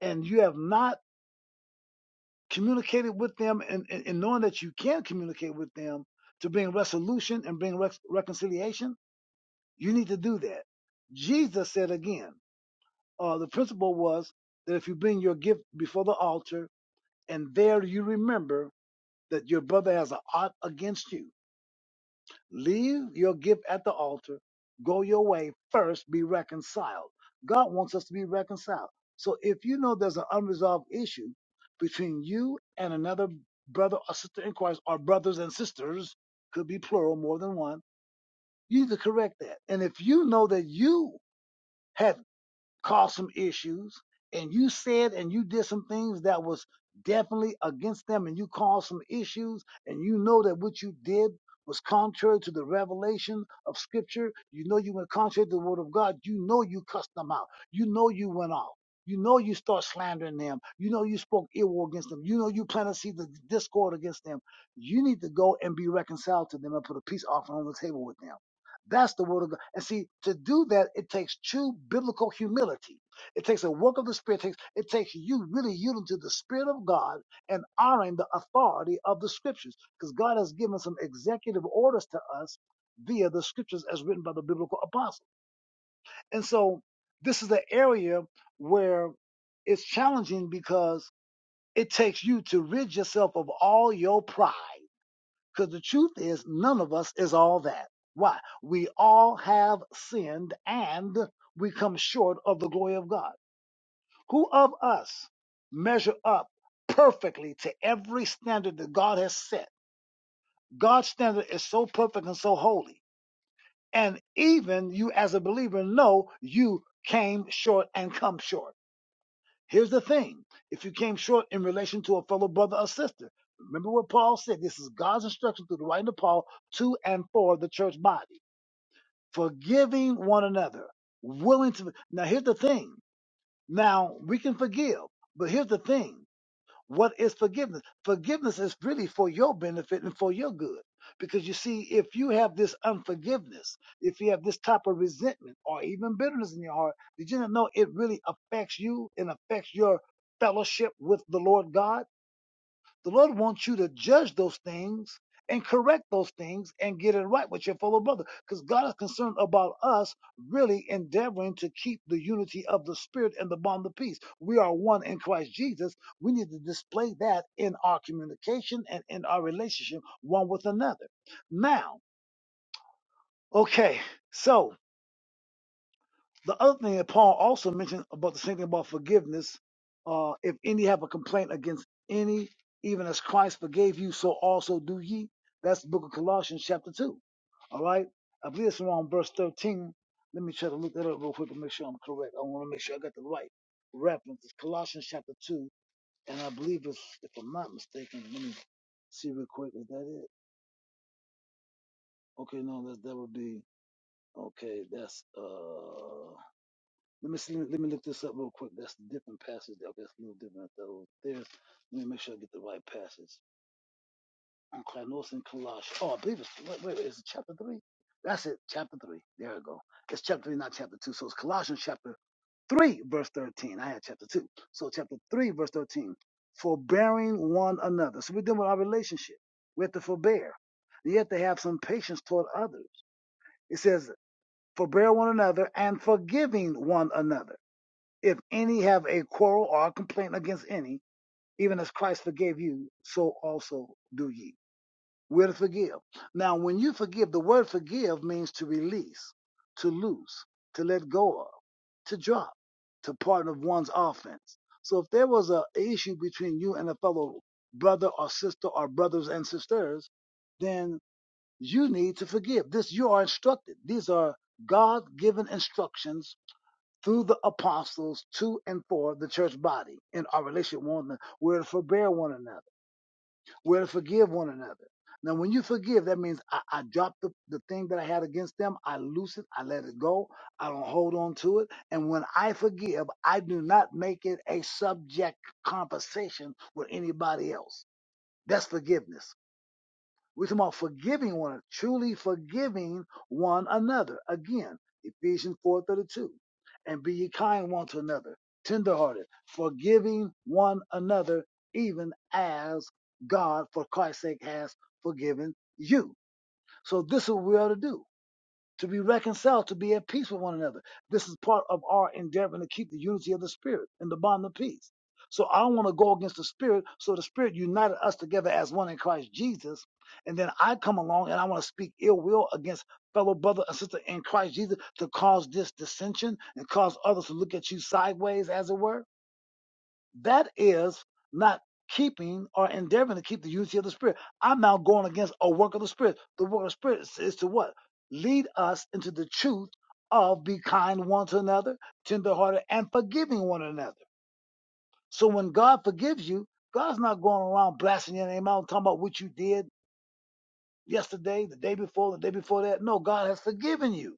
[SPEAKER 1] and you have not communicated with them and, and, and knowing that you can communicate with them to bring resolution and bring rec- reconciliation, you need to do that. Jesus said again, uh, the principle was that if you bring your gift before the altar and there you remember that your brother has an ought against you, Leave your gift at the altar. Go your way. First, be reconciled. God wants us to be reconciled. So if you know there's an unresolved issue between you and another brother or sister in Christ, or brothers and sisters, could be plural, more than one, you need to correct that. And if you know that you had caused some issues and you said and you did some things that was definitely against them and you caused some issues and you know that what you did was contrary to the revelation of scripture you know you went contrary to the word of god you know you cussed them out you know you went off you know you start slandering them you know you spoke ill against them you know you planted seeds of discord against them you need to go and be reconciled to them and put a peace offering on the table with them that's the word of God. And see, to do that, it takes true biblical humility. It takes a work of the Spirit. It takes, it takes you really yielding to the Spirit of God and honoring the authority of the Scriptures. Because God has given some executive orders to us via the Scriptures as written by the biblical apostles. And so this is the area where it's challenging because it takes you to rid yourself of all your pride because the truth is, none of us is all that. Why? We all have sinned and we come short of the glory of God. Who of us measure up perfectly to every standard that God has set? God's standard is so perfect and so holy. And even you, as a believer, know you came short and come short. Here's the thing. If you came short in relation to a fellow brother or sister, remember what Paul said. This is God's instruction through the writing of Paul to and for the church body. Forgiving one another. Willing to. Now, here's the thing. Now, we can forgive, but here's the thing. What is forgiveness? Forgiveness is really for your benefit and for your good. Because you see, if you have this unforgiveness, if you have this type of resentment or even bitterness in your heart, did you not know it really affects you and affects your fellowship with the Lord God? The Lord wants you to judge those things and correct those things and get it right with your fellow brother because God is concerned about us really endeavoring to keep the unity of the Spirit and the bond of peace. We are one in Christ Jesus. We need to display that in our communication and in our relationship one with another. Now, okay, so. The other thing that Paul also mentioned about the same thing about forgiveness, uh, if any have a complaint against any, even as Christ forgave you, so also do ye. That's the book of Colossians chapter two. All right. I believe it's around verse thirteen. Let me try to look that up real quick and make sure I'm correct. I want to make sure I got the right reference. It's Colossians chapter two, and I believe it's if I'm not mistaken, let me see real quick. Is that it? Okay, no, that that would be okay, that's uh Let me see, let me look this up real quick. That's a different passage. there. Okay, that's a little different though. those. There's. Let me make sure I get the right passage. Okay, I know it's in Colossians. Oh, I believe it's wait, wait, is it chapter three? That's it, chapter three. There we go. It's chapter three, not chapter two. So it's Colossians chapter 3 verse 13 i had chapter 2 so chapter 3 verse 13 forbearing one another so we're dealing with our relationship we have to forbear you have to have some patience toward others it says forbear one another and forgiving one another if any have a quarrel or a complaint against any, even as Christ forgave you, so also do ye. We're to forgive. Now, when you forgive, the word forgive means to release, to loose, to let go of, to drop, to pardon of one's offense. So if there was a issue between you and a fellow brother or sister or brothers and sisters, then you need to forgive. This you are instructed. These are God given instructions through the apostles to and for the church body in our relationship with one another. We're to forbear one another. We're to forgive one another. Now, when you forgive, that means I, I drop the, the thing that I had against them. I loose it. I let it go. I don't hold on to it. And when I forgive, I do not make it a subject conversation with anybody else. That's forgiveness. We're talking about forgiving one, another, truly forgiving one another. Again, Ephesians 4:32. And be ye kind one to another, tenderhearted, forgiving one another, even as God, for Christ's sake, has forgiven you. So this is what we ought to do to be reconciled, to be at peace with one another. This is part of our endeavor to keep the unity of the spirit and the bond of peace. So I don't want to go against the spirit. So the spirit united us together as one in Christ Jesus. And then I come along and I want to speak ill will against fellow brother and sister in Christ Jesus to cause this dissension and cause others to look at you sideways, as it were. That is not keeping or endeavoring to keep the unity of the Spirit. I'm now going against a work of the Spirit. The work of the Spirit is, is to what? Lead us into the truth of be kind one to another, tenderhearted, and forgiving one another. So when God forgives you, God's not going around blasting your name out and talking about what you did yesterday, the day before, the day before that. No, God has forgiven you.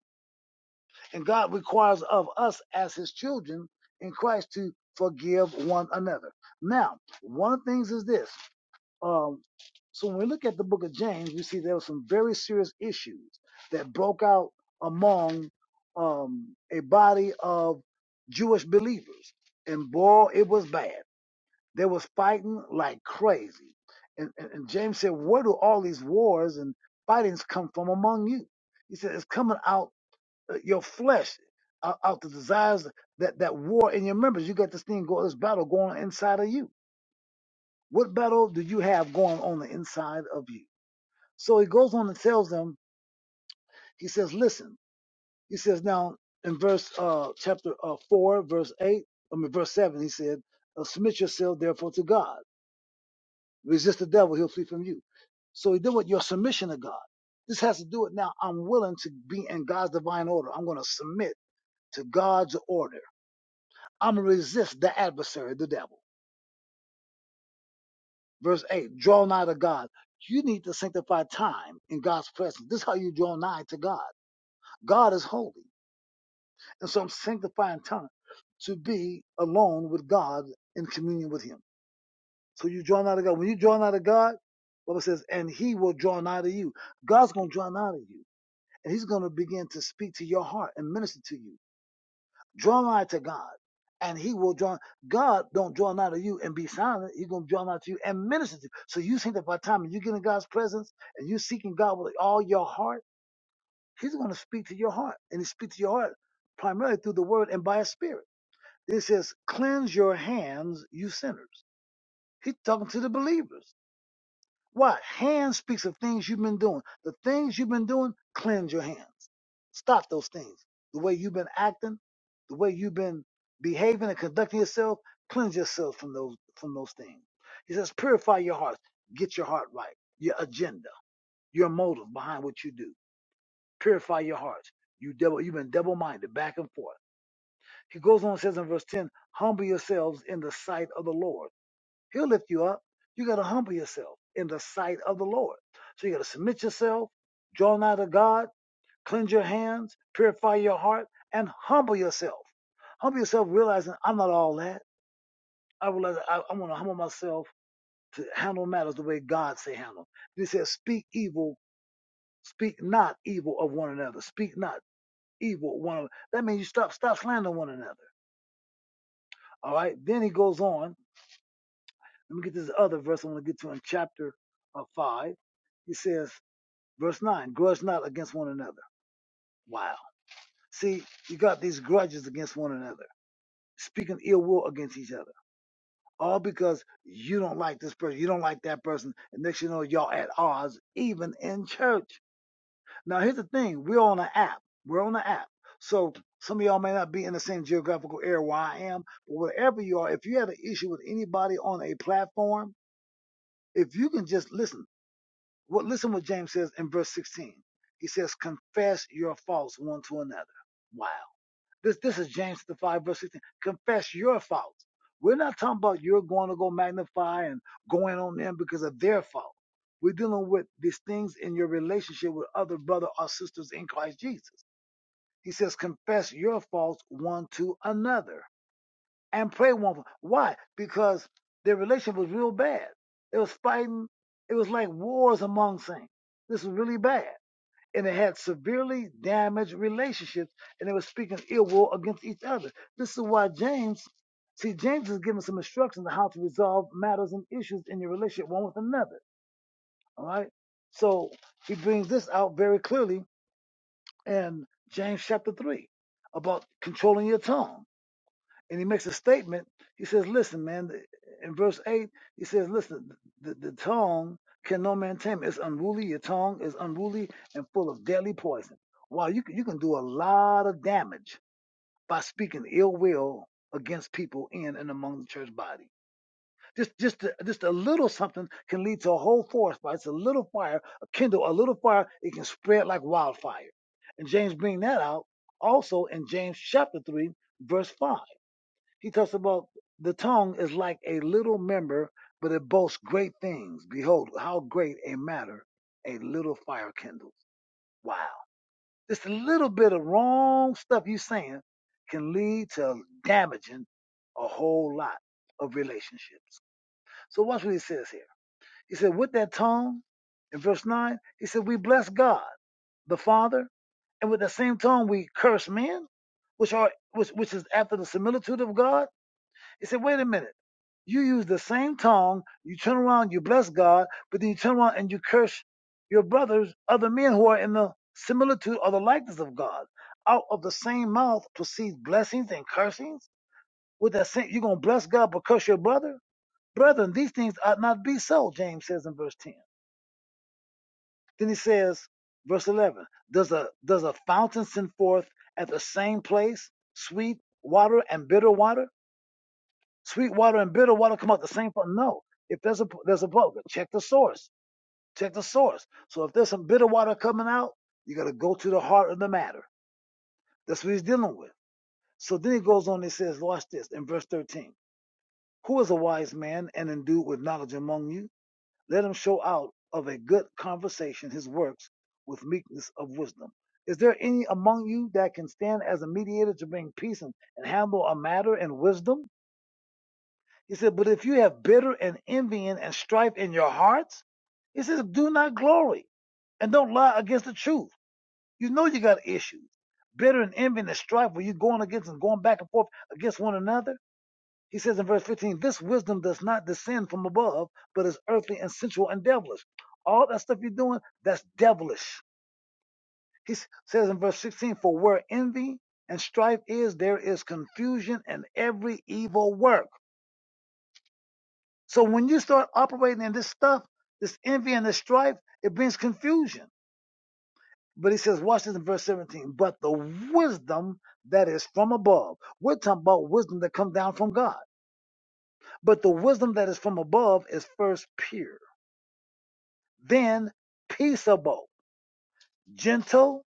[SPEAKER 1] And God requires of us as his children in Christ to forgive one another. Now, one of the things is this Um, so when we look at the book of James, we see there were some very serious issues that broke out among um, a body of Jewish believers. And boy, it was bad. They was fighting like crazy. And, and, and James said, where do all these wars and fightings come from among you? He said, it's coming out uh, your flesh, out, out the desires, that, that war in your members. You got this thing, go, this battle going on inside of you. What battle do you have going on the inside of you? So he goes on and tells them, he says, listen, he says now in verse uh, chapter uh, 4, verse 8, I mean, verse 7, he said, uh, submit yourself therefore to God. Resist the devil, he'll flee from you. So he did with your submission to God. This has to do with now I'm willing to be in God's divine order. I'm going to submit to God's order. I'm going to resist the adversary, the devil. Verse 8, draw nigh to God. You need to sanctify time in God's presence. This is how you draw nigh to God. God is holy. And so I'm sanctifying time to be alone with God in communion with Him. So you draw nigh to God. When you draw nigh to God, Bible says, and He will draw nigh to you. God's going to draw nigh to you. And He's going to begin to speak to your heart and minister to you. Draw nigh to God, and He will draw. God don't draw nigh to you and be silent. He's gonna draw nigh to you and minister to you. So you think that by the time you get in God's presence and you seeking God with all your heart, He's gonna speak to your heart, and He speaks to your heart primarily through the Word and by His Spirit. It says, "Cleanse your hands, you sinners." He's talking to the believers. Why? Hand speaks of things you've been doing. The things you've been doing, cleanse your hands. Stop those things. The way you've been acting, the way you've been behaving and conducting yourself, cleanse yourself from those from those things. He says, purify your hearts. Get your heart right. Your agenda, your motive behind what you do. Purify your hearts. You double, you've been double-minded, back and forth. He goes on and says in verse 10, humble yourselves in the sight of the Lord He'll lift you up. You got to humble yourself in the sight of the Lord. So you got to submit yourself, draw nigh to God, cleanse your hands, purify your heart, and humble yourself. Humble yourself, realizing I'm not all that. I realize I, I want to humble myself to handle matters the way God say handle. He says, "Speak evil, speak not evil of one another. Speak not evil one another." That means you stop, stop slandering one another. All right. Then he goes on. Let me get this other verse I want to get to in chapter uh, five. He says, Verse 9 grudge not against one another. Wow. See, you got these grudges against one another, speaking ill will against each other, all because you don't like this person, you don't like that person. And next you know, y'all at odds, even in church. Now, here's the thing we're on an app. We're on an app. So some of y'all may not be in the same geographical area where I am, but wherever you are, if you have an issue with anybody on a platform, if you can just listen, Well, listen what James says in verse 16. He says, confess your faults one to another. Wow. This, this is James chapter 5, verse 16. Confess your faults. We're not talking about you're going to go magnify and going on them because of their fault. We're dealing with these things in your relationship with other brother or sisters in Christ Jesus. He says, confess your faults one to another and pray one for why? Because their relationship was real bad. It was fighting. It was like wars among saints. This was really bad, and it had severely damaged relationships, and they were speaking ill will against each other. This is why James, see, James is giving some instructions on how to resolve matters and issues in your relationship one with another. All right, so he brings this out very clearly in James chapter three about controlling your tongue and he makes a statement. He says, "Listen, man." In verse eight, he says, "Listen, the, the tongue can no man tame. It's unruly. Your tongue is unruly and full of deadly poison. Wow, you can, you can do a lot of damage by speaking ill will against people in and among the church body. Just just a, just a little something can lead to a whole forest fire. It's a little fire, a kindle, a little fire. It can spread like wildfire. And James bring that out also in James chapter three, verse five. He talks about the tongue is like a little member, but it boasts great things. Behold, how great a matter a little fire kindles. Wow. Just a little bit of wrong stuff you saying can lead to damaging a whole lot of relationships. So watch what he says here. He said, with that tongue, in verse 9, he said, we bless God, the Father, and with the same tongue we curse men, which are which, which is after the similitude of God he said, wait a minute. You use the same tongue, you turn around, you bless God, but then you turn around and you curse your brothers, other men who are in the similitude or the likeness of God. Out of the same mouth proceeds blessings and cursings. With that same, you're going to bless God but curse your brother? Brethren, these things ought not be so, James says in verse 10. Then he says, verse 11, does a, does a fountain send forth at the same place sweet water and bitter water? Sweet water and bitter water come out the same. No. If there's a there's a bug, check the source. Check the source. So if there's some bitter water coming out, you got to go to the heart of the matter. That's what he's dealing with. So then he goes on and says, watch this in verse 13. Who is a wise man and endued with knowledge among you? Let him show out of a good conversation his works with meekness of wisdom. Is there any among you that can stand as a mediator to bring peace and, and handle a matter in wisdom? He said, But if you have bitter and envying and strife in your hearts, he says, Do not glory and don't lie against the truth. You know you got issues. Bitter and envying and strife where you're going against and going back and forth against one another. He says in verse 15, This wisdom does not descend from above, but is earthly and sensual and devilish. All that stuff you're doing, that's devilish. He says in verse 16, For where envy and strife is, there is confusion and every evil work. So when you start operating in this stuff, this envy and this strife, it brings confusion. But he says, watch this in verse 17, but the wisdom that is from above. We're talking about wisdom that comes down from God. But the wisdom that is from above is first pure, then peaceable, gentle,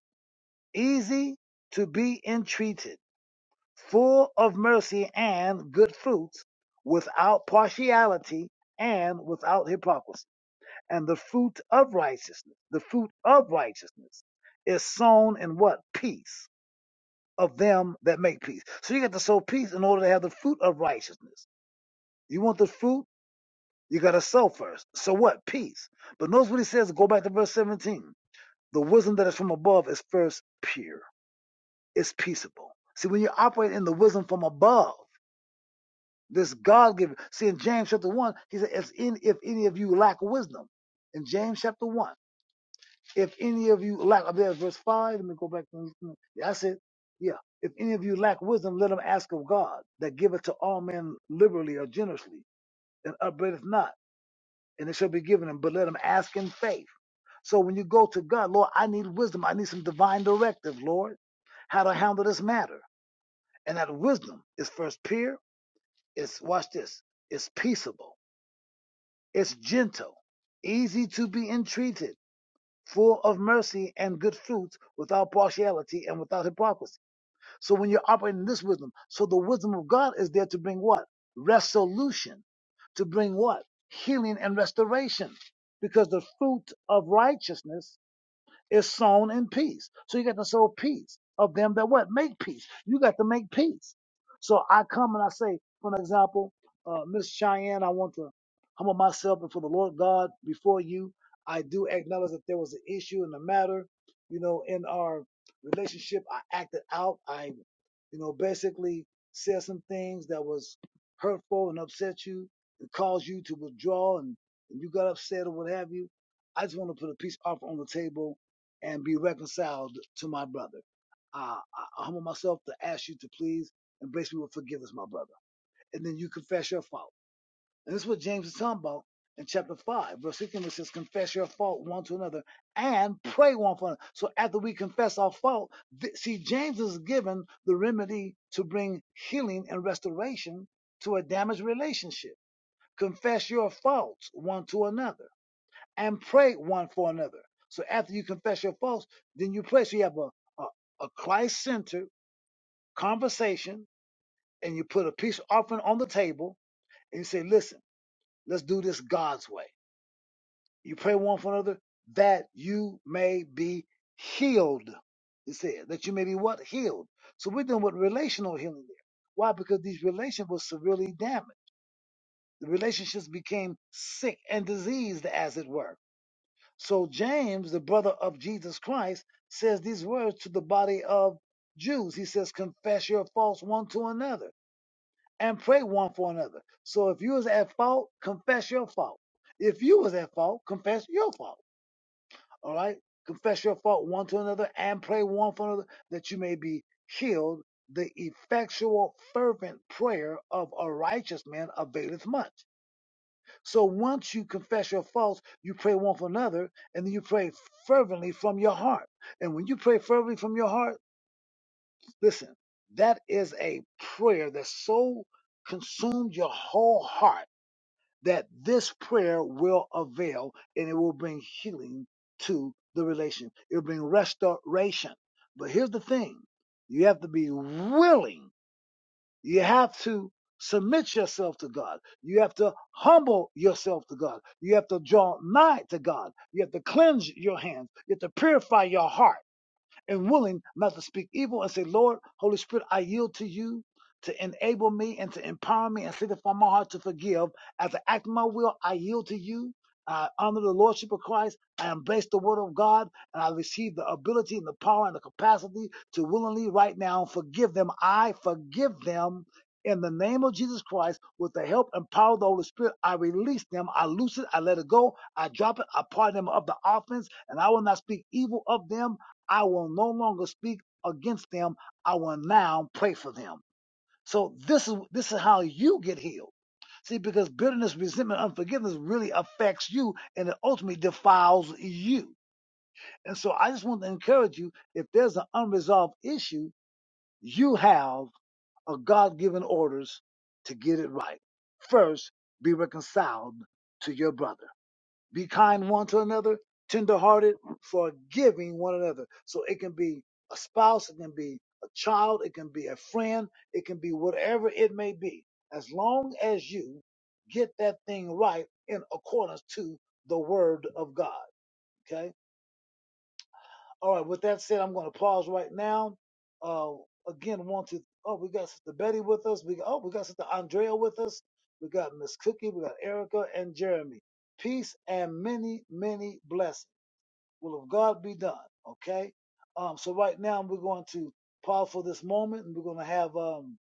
[SPEAKER 1] easy to be entreated, full of mercy and good fruits, without partiality and without hypocrisy And the fruit of righteousness, the fruit of righteousness is sown in what? Peace of them that make peace. So you got to sow peace in order to have the fruit of righteousness. You want the fruit? You got to sow first. So what? Peace. But notice what he says. Go back to verse 17. The wisdom that is from above is first pure, it's peaceable. See, when you operate in the wisdom from above, this God given. See, in James chapter 1, he said, if any, if any of you lack wisdom, in James chapter 1. If any of you lack, I believe verse five. Let me go back. I said, Yeah. If any of you lack wisdom, let him ask of God, that giveth to all men liberally or generously, and upbraideth not, and it shall be given him. But let him ask in faith. So when you go to God, Lord, I need wisdom. I need some divine directive, Lord, how to handle this matter. And that wisdom is first pure. It's watch this. It's peaceable. It's gentle, easy to be entreated full of mercy and good fruits, without partiality and without hypocrisy. So when you're operating in this wisdom, so the wisdom of God is there to bring what? Resolution. To bring what? Healing and restoration. Because the fruit of righteousness is sown in peace. So you got to sow peace of them that what? Make peace. You got to make peace. So I come and I say, for an example, uh, Miss Cheyenne, I want to humble myself before the Lord God before you. I do acknowledge that there was an issue in the matter. You know, in our relationship, I acted out. I, you know, basically said some things that was hurtful and upset you and caused you to withdraw and, and you got upset or what have you. I just want to put a peace offer on the table and be reconciled to my brother. Uh, I humble myself to ask you to please embrace me with forgiveness, my brother. And then you confess your fault. And this is what James is talking about in chapter 5, verse 16, which says, Confess your fault one to another and pray one for another. So after we confess our fault, th- see, James is given the remedy to bring healing and restoration to a damaged relationship. Confess your faults one to another and pray one for another. So after you confess your faults, then you pray. So you have a, a, a Christ centered conversation and you put a peace offering on the table and you say, listen, let's do this God's way. You pray one for another that you may be healed. It said that you may be what? Healed. So we're dealing with relational healing there. Why? Because these relations were severely damaged. The relationships became sick and diseased, as it were So James, the brother of Jesus Christ, says these words to the body of Jews. He says, confess your faults one to another and pray one for another. So if you was at fault, confess your fault. If you was at fault, confess your fault. All right? Confess your fault one to another and pray one for another that you may be healed. The effectual fervent prayer of a righteous man availeth much. So once you confess your faults, you pray one for another, and then you pray fervently from your heart. And when you pray fervently from your heart, listen, that is a prayer that so consumes your whole heart that this prayer will avail and it will bring healing to the relation. It will bring restoration. But here's the thing you have to be willing you have to submit yourself to God. You have to humble yourself to God. You have to draw nigh to God. You have to cleanse your hands. You have to purify your heart and willing not to speak evil and say, Lord, Holy Spirit, I yield to you to enable me and to empower me and sanctify my heart to forgive. As I act my will, I yield to you. I honor the Lordship of Christ. I embrace the Word of God and I receive the ability and the power and the capacity to willingly right now forgive them. I forgive them in the name of Jesus Christ with the help and power of the Holy Spirit. I release them. I loose it. I let it go. I drop it. I pardon them of the offense and I will not speak evil of them I will no longer speak against them. I will now pray for them. So this is this is how you get healed. See, because bitterness, resentment, unforgiveness really affects you and it ultimately defiles you. And so I just want to encourage you, if there's an unresolved issue, you have a God-given orders to get it right. First, be reconciled to your brother. Be kind one to another, tenderhearted, forgiving one another. So it can be a spouse, it can be a child, it can be a friend, it can be whatever it may be. As long as you get that thing right in accordance to the word of God. Okay. All right. With that said, I'm going to pause right now. Uh, again, want to, oh, we got Sister Betty with us. We, oh, we got Sister Andrea with us. We got Miss Cookie. We got Erica and Jeremy. Peace and many, many blessings will of God be done. Okay. Um, so right now we're going to pause for this moment, and we're going to have um,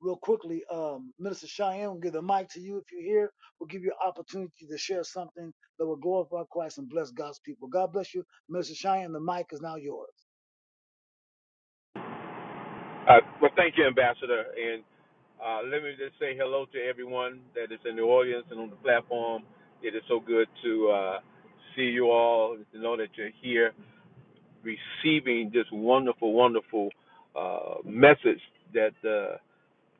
[SPEAKER 1] real quickly um, Minister Cheyenne will give the mic to you if you're here. We'll give you an opportunity to share something that will glorify Christ and bless God's people. God bless you, Minister Cheyenne. The mic is now yours.
[SPEAKER 2] Uh, well, thank you, Ambassador. And uh, let me just say hello to everyone that is in the audience and on the platform. It is so good to uh, see you all, to know that you're here receiving this wonderful, wonderful uh, message that uh,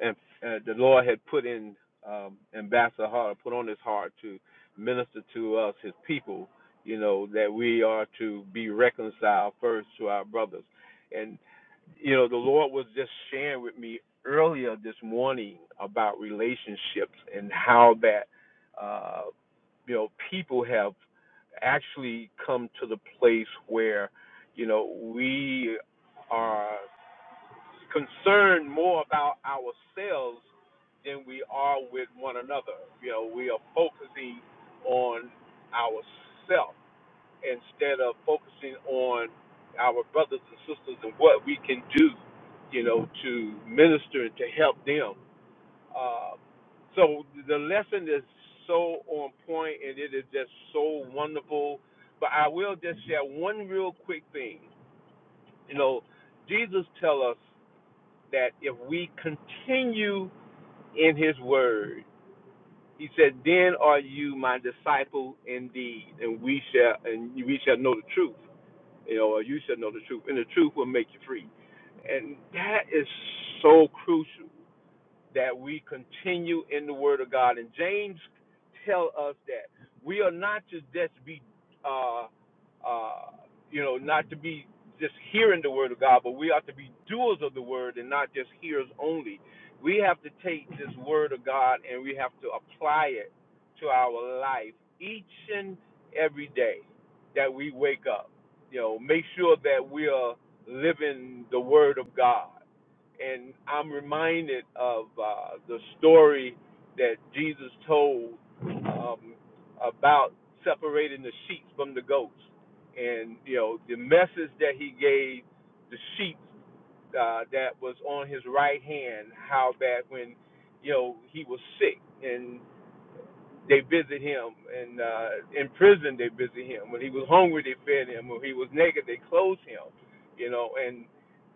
[SPEAKER 2] and, uh, the Lord had put in um, Ambassador Hart, put on his heart to minister to us, his people, you know, that we are to be reconciled first to our brothers. And you know, the Lord was just sharing with me earlier this morning about relationships and how that, uh, you know, people have actually come to the place where, you know, we are concerned more about ourselves than we are with one another. You know, we are focusing on ourselves instead of focusing on our brothers and sisters and what we can do, you know, to minister and to help them. Uh, so the lesson is so on point and it is just so wonderful. But I will just share one real quick thing. You know, Jesus tell us that if we continue in his word, he said, Then are you my disciple indeed, and we shall and we shall know the truth you know, or you shall know the truth, and the truth will make you free. And that is so crucial that we continue in the Word of God. And James tell us that we are not to just be, uh, uh, you know, not to be just hearing the Word of God, but we ought to be doers of the Word and not just hearers only. We have to take this Word of God and we have to apply it to our life each and every day that we wake up. You know, make sure that we are living the Word of God and I'm reminded of uh, the story that Jesus told um, about separating the sheep from the goats, and you know the message that he gave the sheep uh, that was on his right hand, how that when you know he was sick, and they visit him and uh in prison they visit him when he was hungry they fed him when he was naked they clothed him you know and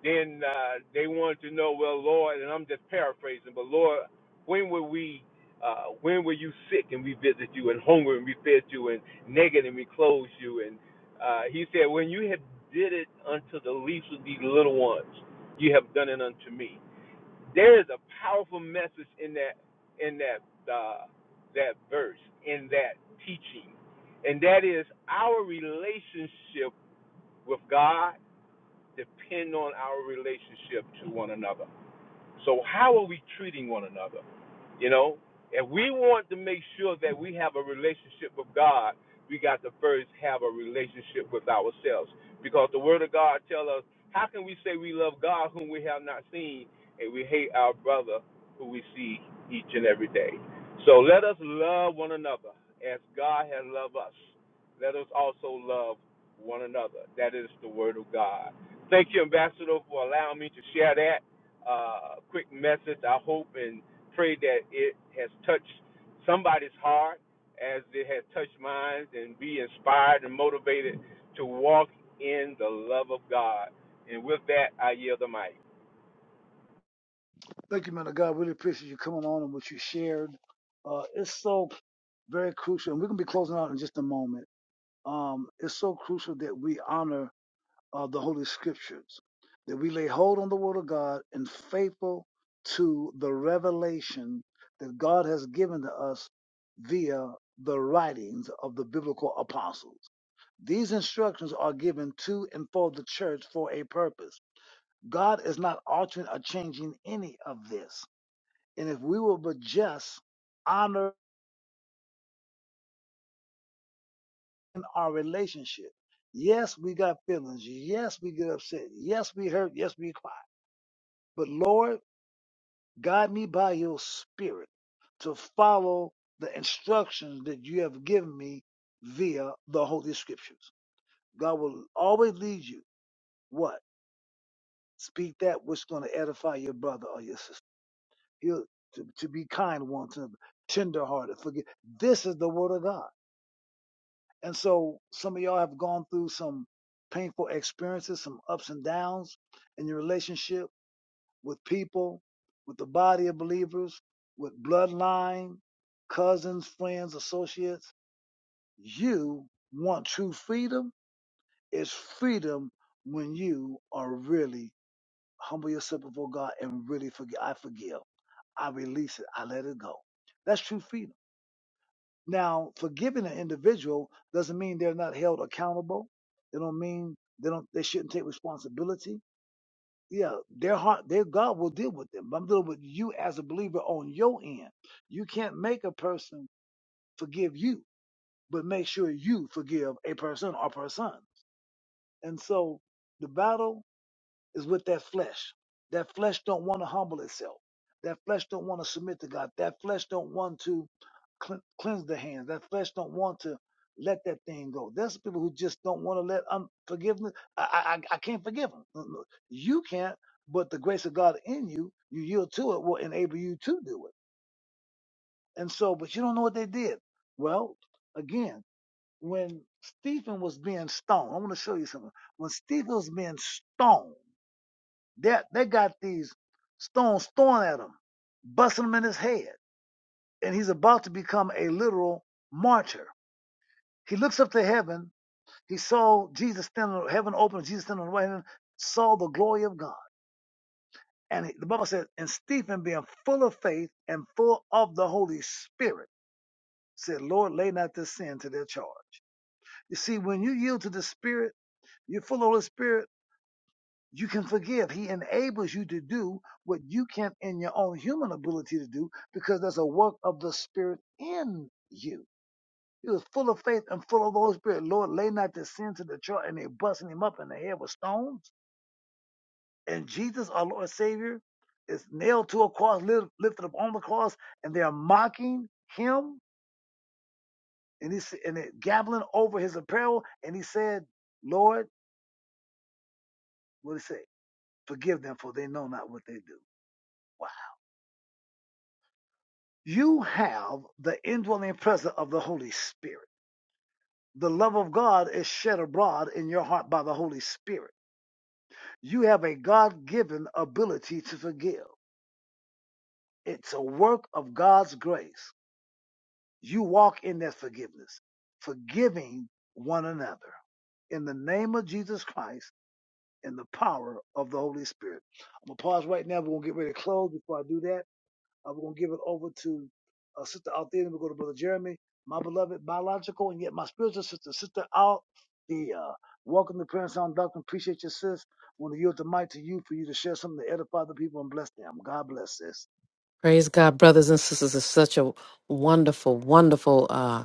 [SPEAKER 2] then uh they wanted to know well lord and i'm just paraphrasing but lord when were we uh when were you sick and we visited you and hungry and we fed you and naked and we clothed you and uh he said when you have did it unto the least of these little ones you have done it unto me there is a powerful message in that in that uh, that verse in that teaching, and that is our relationship with God depend on our relationship to one another. So how are we treating one another? You know, if we want to make sure that we have a relationship with God, we got to first have a relationship with ourselves, because the Word of God tells us, how can we say we love God whom we have not seen, and we hate our brother who we see each and every day? So let us love one another as God has loved us. Let us also love one another. That is the Word of God. Thank you, Ambassador, for allowing me to share that uh, quick message. I hope and pray that it has touched somebody's heart as it has touched mine and be inspired and motivated to walk in the love of God. And with that, I yield the mic.
[SPEAKER 1] Thank you, man of God. Really appreciate you coming on and what you shared. Uh, it's so very crucial, and we're going to be closing out in just a moment. Um, it's so crucial that we honor of the Holy Scriptures, that we lay hold on the Word of God and faithful to the revelation that God has given to us via the writings of the biblical apostles. These instructions are given to and for the church for a purpose. God is not altering or changing any of this. And if we will but just honor our relationship, yes, we got feelings. Yes, we get upset. Yes, we hurt. Yes, we cry. But Lord, Guide me by your Spirit to follow the instructions that you have given me via the Holy Scriptures. God will always lead you. What? Speak that which is going to edify your brother or your sister. He'll, to, to be kind one to another, tenderhearted, forgive. This is the Word of God. And so some of y'all have gone through some painful experiences, some ups and downs in your relationship with people, with the body of believers, with bloodline, cousins, friends, associates. You want true freedom? It's freedom when you are really humble yourself before God and really forgive. I forgive. I release it. I let it go. That's true freedom. Now, forgiving an individual doesn't mean they're not held accountable. They don't mean they don't they shouldn't take responsibility yeah, their heart, their God will deal with them. But I'm dealing with you as a believer on your end. You can't make a person forgive you, but make sure you forgive a person or person. And so the battle is with that flesh. That flesh don't want to humble itself. That flesh don't want to submit to God. That flesh don't want to cle- cleanse the hands. That flesh don't want to let that thing go. There's people who just don't want to let unforgiveness. I I I can't forgive them. You can't, but the grace of God in you, you yield to it, will enable you to do it. And so, but you don't know what they did. Well, again, when Stephen was being stoned, I want to show you something. When Stephen was being stoned. They they got these stones thrown at him, busting him in his head, and he's about to become a literal martyr. He looks up to heaven. He saw Jesus standing, heaven open, Jesus standing on the right hand, saw the glory of God. And he- the Bible said, and Stephen, being full of faith and full of the Holy Spirit, said, Lord, lay not this sin to their charge. You see, when you yield to the Spirit, you're full of the Spirit, You can forgive. He enables you to do what you can't in your own human ability to do because that's a work of the Spirit in you. He was full of faith and full of the Holy Spirit. Lord, lay not this sin to the charge. and they busting him up in the head with stones. And Jesus, our Lord Savior, is nailed to a cross, lifted up on the cross, and they are mocking him and he's and they're gabbling over his apparel. And he said, Lord, what did he say? Forgive them, for they know not what they do. Wow. You have the indwelling presence of the Holy Spirit. The love of God is shed abroad in your heart by the Holy Spirit. You have a God given ability to forgive, it's a work of God's grace. You walk in that forgiveness, forgiving one another. In the name of Jesus Christ, in the power of the Holy Spirit. I'm going to pause right now. We're going to get ready to close before I do that. Uh, we're going to give it over to uh, Sister Althea, and we're going to Brother Jeremy, my beloved biological and yet my spiritual sister, Sister Althea. Welcome to Prayer and Sound Doctrine. Appreciate you, sis. want to yield the mic to you for you to share something to edify the people and bless them. God bless, sis.
[SPEAKER 3] Praise God, brothers and sisters. It's such a wonderful, wonderful uh,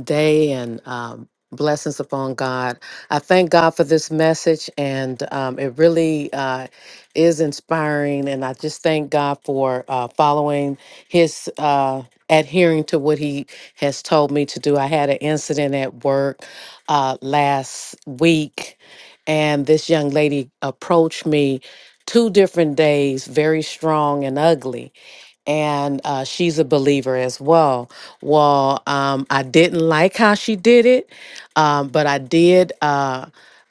[SPEAKER 3] day and um, blessings upon God. I thank God for this message, and um, it really uh, is inspiring. And I just thank God for uh, following his. Uh, adhering to what he has told me to do i had an incident at work uh, last week, and this young lady approached me two different days, very strong and ugly and uh, she's a believer as well. Well, um, I didn't like how she did it, um, but I did uh,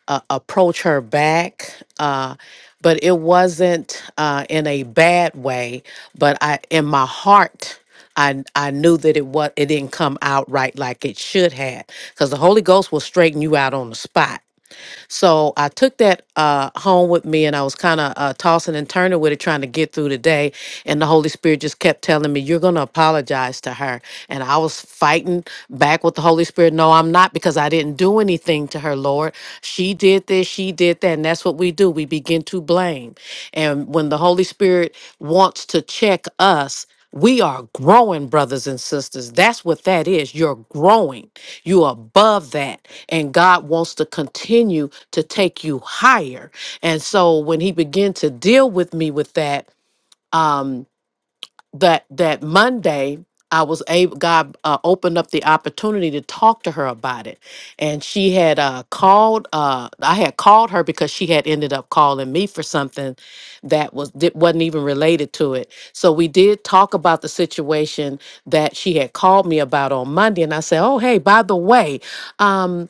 [SPEAKER 3] uh, approach her back. Uh, but it wasn't uh, in a bad way, but I, in my heart. I I knew that it was it didn't come out right like it should have because the Holy Ghost will straighten you out on the spot so I took that uh, home with me and I was kind of uh, tossing and turning with it, trying to get through the day. And the Holy Spirit just kept telling me, You're going to apologize to her. And I was fighting back with the Holy Spirit. No, I'm not because I didn't do anything to her, Lord. She did this, she did that. And that's what we do. We begin to blame. And when the Holy Spirit wants to check us, we are growing, brothers and sisters. That's what that is. You're growing. You're above that. And God wants to continue to take you higher. And so when he began to deal with me with that, um, that that Monday, I was able. God uh, opened up the opportunity to talk to her about it, and she had uh, called. Uh, I had called her because she had ended up calling me for something that was that wasn't even related to it. So we did talk about the situation that she had called me about on Monday, and I said, "Oh, hey, by the way." um,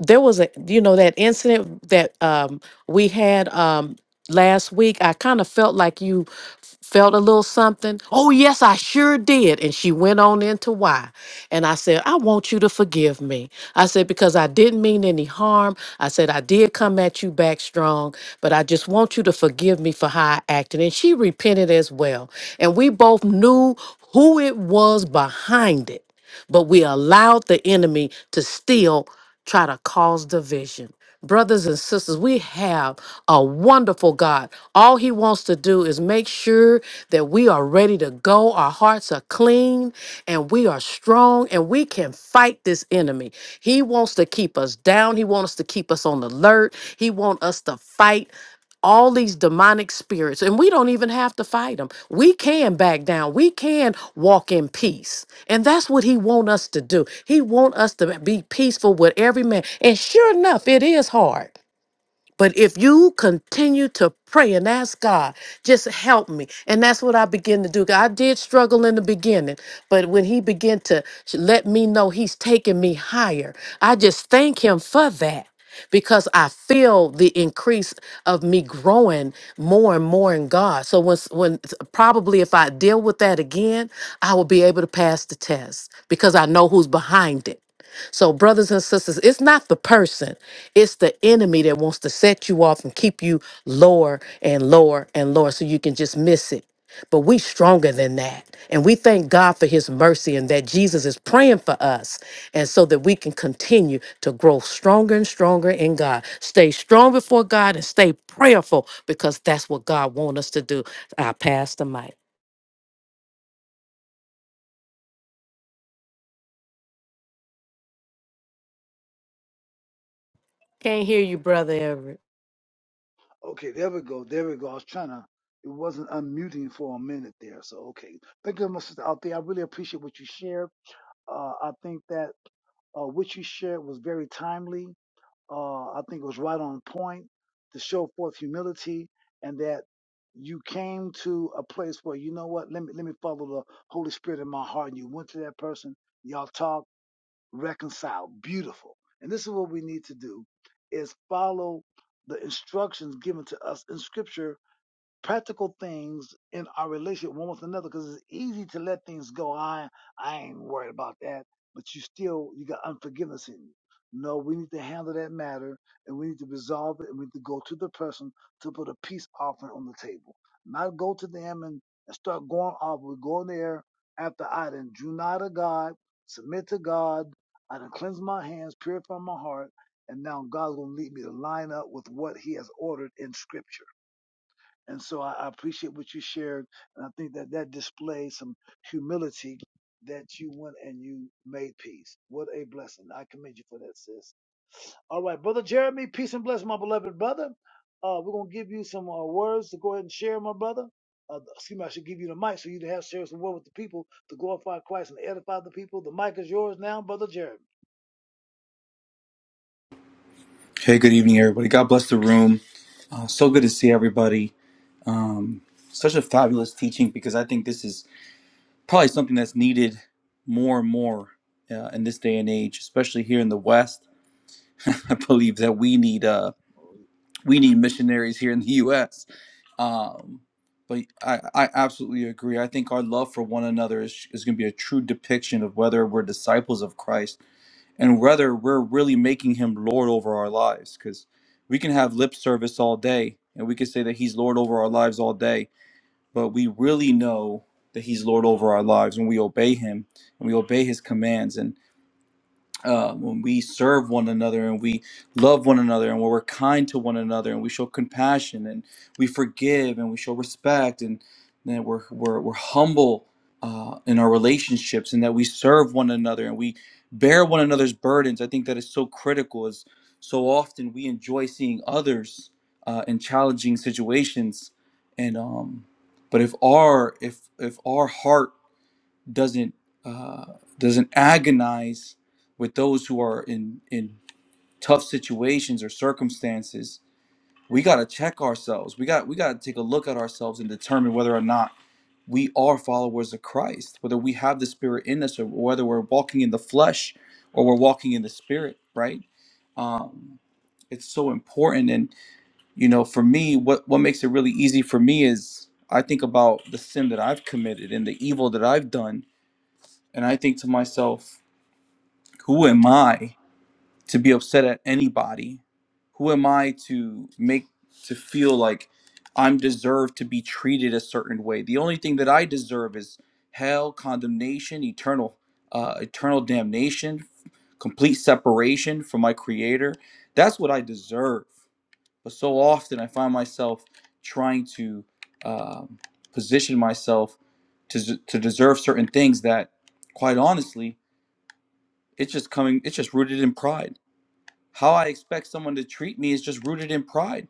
[SPEAKER 3] there was a you know that incident that um we had um last week i kind of felt like you f- felt a little something oh yes i sure did and she went on into why and i said i want you to forgive me i said because i didn't mean any harm i said i did come at you back strong but i just want you to forgive me for how i acted and she repented as well and we both knew who it was behind it but we allowed the enemy to steal try to cause division. Brothers and sisters, we have a wonderful God. All He wants to do is make sure that we are ready to go. Our hearts are clean and we are strong and we can fight this enemy. He wants to keep us down. He wants to keep us on alert. He wants us to fight all these demonic spirits and we don't even have to fight them we can back down we can walk in peace and that's what he want us to do he want us to be peaceful with every man and sure enough it is hard but if you continue to pray and ask God, just help me. And that's what I begin to do. I did struggle in the beginning, but when He began to sh- let me know He's taking me higher, I just thank Him for that because I feel the increase of me growing more and more in God. So when s- when probably if I deal with that again, I will be able to pass the test because I know who's behind it. So, brothers and sisters, it's not the person, it's the enemy that wants to set you off and keep you lower and lower and lower so you can just miss it. But we stronger than that. And we thank God for his mercy and that Jesus is praying for us. And so that we can continue to grow stronger and stronger in God. Stay strong before God and stay prayerful because that's what God wants us to do. I pass the mic. Can't hear you, brother Everett.
[SPEAKER 1] Okay, there we go. There we go. I was trying to, it wasn't unmuting for a minute there. So, okay. Thank you, my sister Althea. I really appreciate what you shared. Uh, I think that uh, what you shared was very timely uh, I think it was right on point to show forth humility and that you came to a place where you know what, let me let me follow the Holy Spirit in my heart. And you went to that person, y'all talked, reconciled, beautiful. And this is what we need to do is follow the instructions given to us in scripture practical things in our relationship one with another because it's easy to let things go. I I ain't worried about that, but you still you got unforgiveness in you. No, we need to handle that matter and we need to resolve it and we need to go to the person to put a peace offering on the table. Not go to them and, and start going off. We go in there after I done drew nigh to God, submit to God, I done cleanse my hands, purify my heart, and now God's gonna lead me to line up with what He has ordered in Scripture and so I, I appreciate what you shared. And I think that that displays some humility that you went and you made peace. What a blessing. I commend you for that, sis. All right, Brother Jeremy, peace and blessing, my beloved brother. Uh, we're going to give you some uh, words to go ahead and share, my brother. Uh, excuse me, I should give you the mic so you can have share some word with the people to glorify Christ and edify the people. The mic is yours now, Brother Jeremy.
[SPEAKER 4] Hey, good evening, everybody. God bless the room. Uh, so good to see everybody. Um, such a fabulous teaching because I think this is probably something that's needed more and more uh, in this day and age, especially here in the West. I believe that we need uh, we need missionaries here in the U.S. Um, but I, I absolutely agree. I think our love for one another is, is going to be a true depiction of whether we're disciples of Christ and whether we're really making him lord over our lives because we can have lip service all day and we can say that he's lord over our lives all day but we really know that he's lord over our lives when we obey him and we obey his commands and uh, when we serve one another and we love one another and when we're kind to one another and we show compassion and we forgive and we show respect and then we're, we're, we're humble uh, in our relationships and that we serve one another and we bear one another's burdens i think that is so critical As so often we enjoy seeing others uh, in challenging situations and um, but if our if if our heart doesn't uh, doesn't agonize with those who are in in tough situations or circumstances we got to check ourselves we got we got to take a look at ourselves and determine whether or not we are followers of Christ whether we have the spirit in us or whether we're walking in the flesh or we're walking in the spirit right um it's so important and you know for me what what makes it really easy for me is I think about the sin that I've committed and the evil that I've done and I think to myself, who am I to be upset at anybody? Who am I to make to feel like I'm deserved to be treated a certain way? The only thing that I deserve is hell, condemnation, eternal uh, eternal damnation, complete separation from my creator. That's what I deserve. But so often I find myself trying to um, position myself to, to deserve certain things that, quite honestly, it's just coming, it's just rooted in pride. How I expect someone to treat me is just rooted in pride.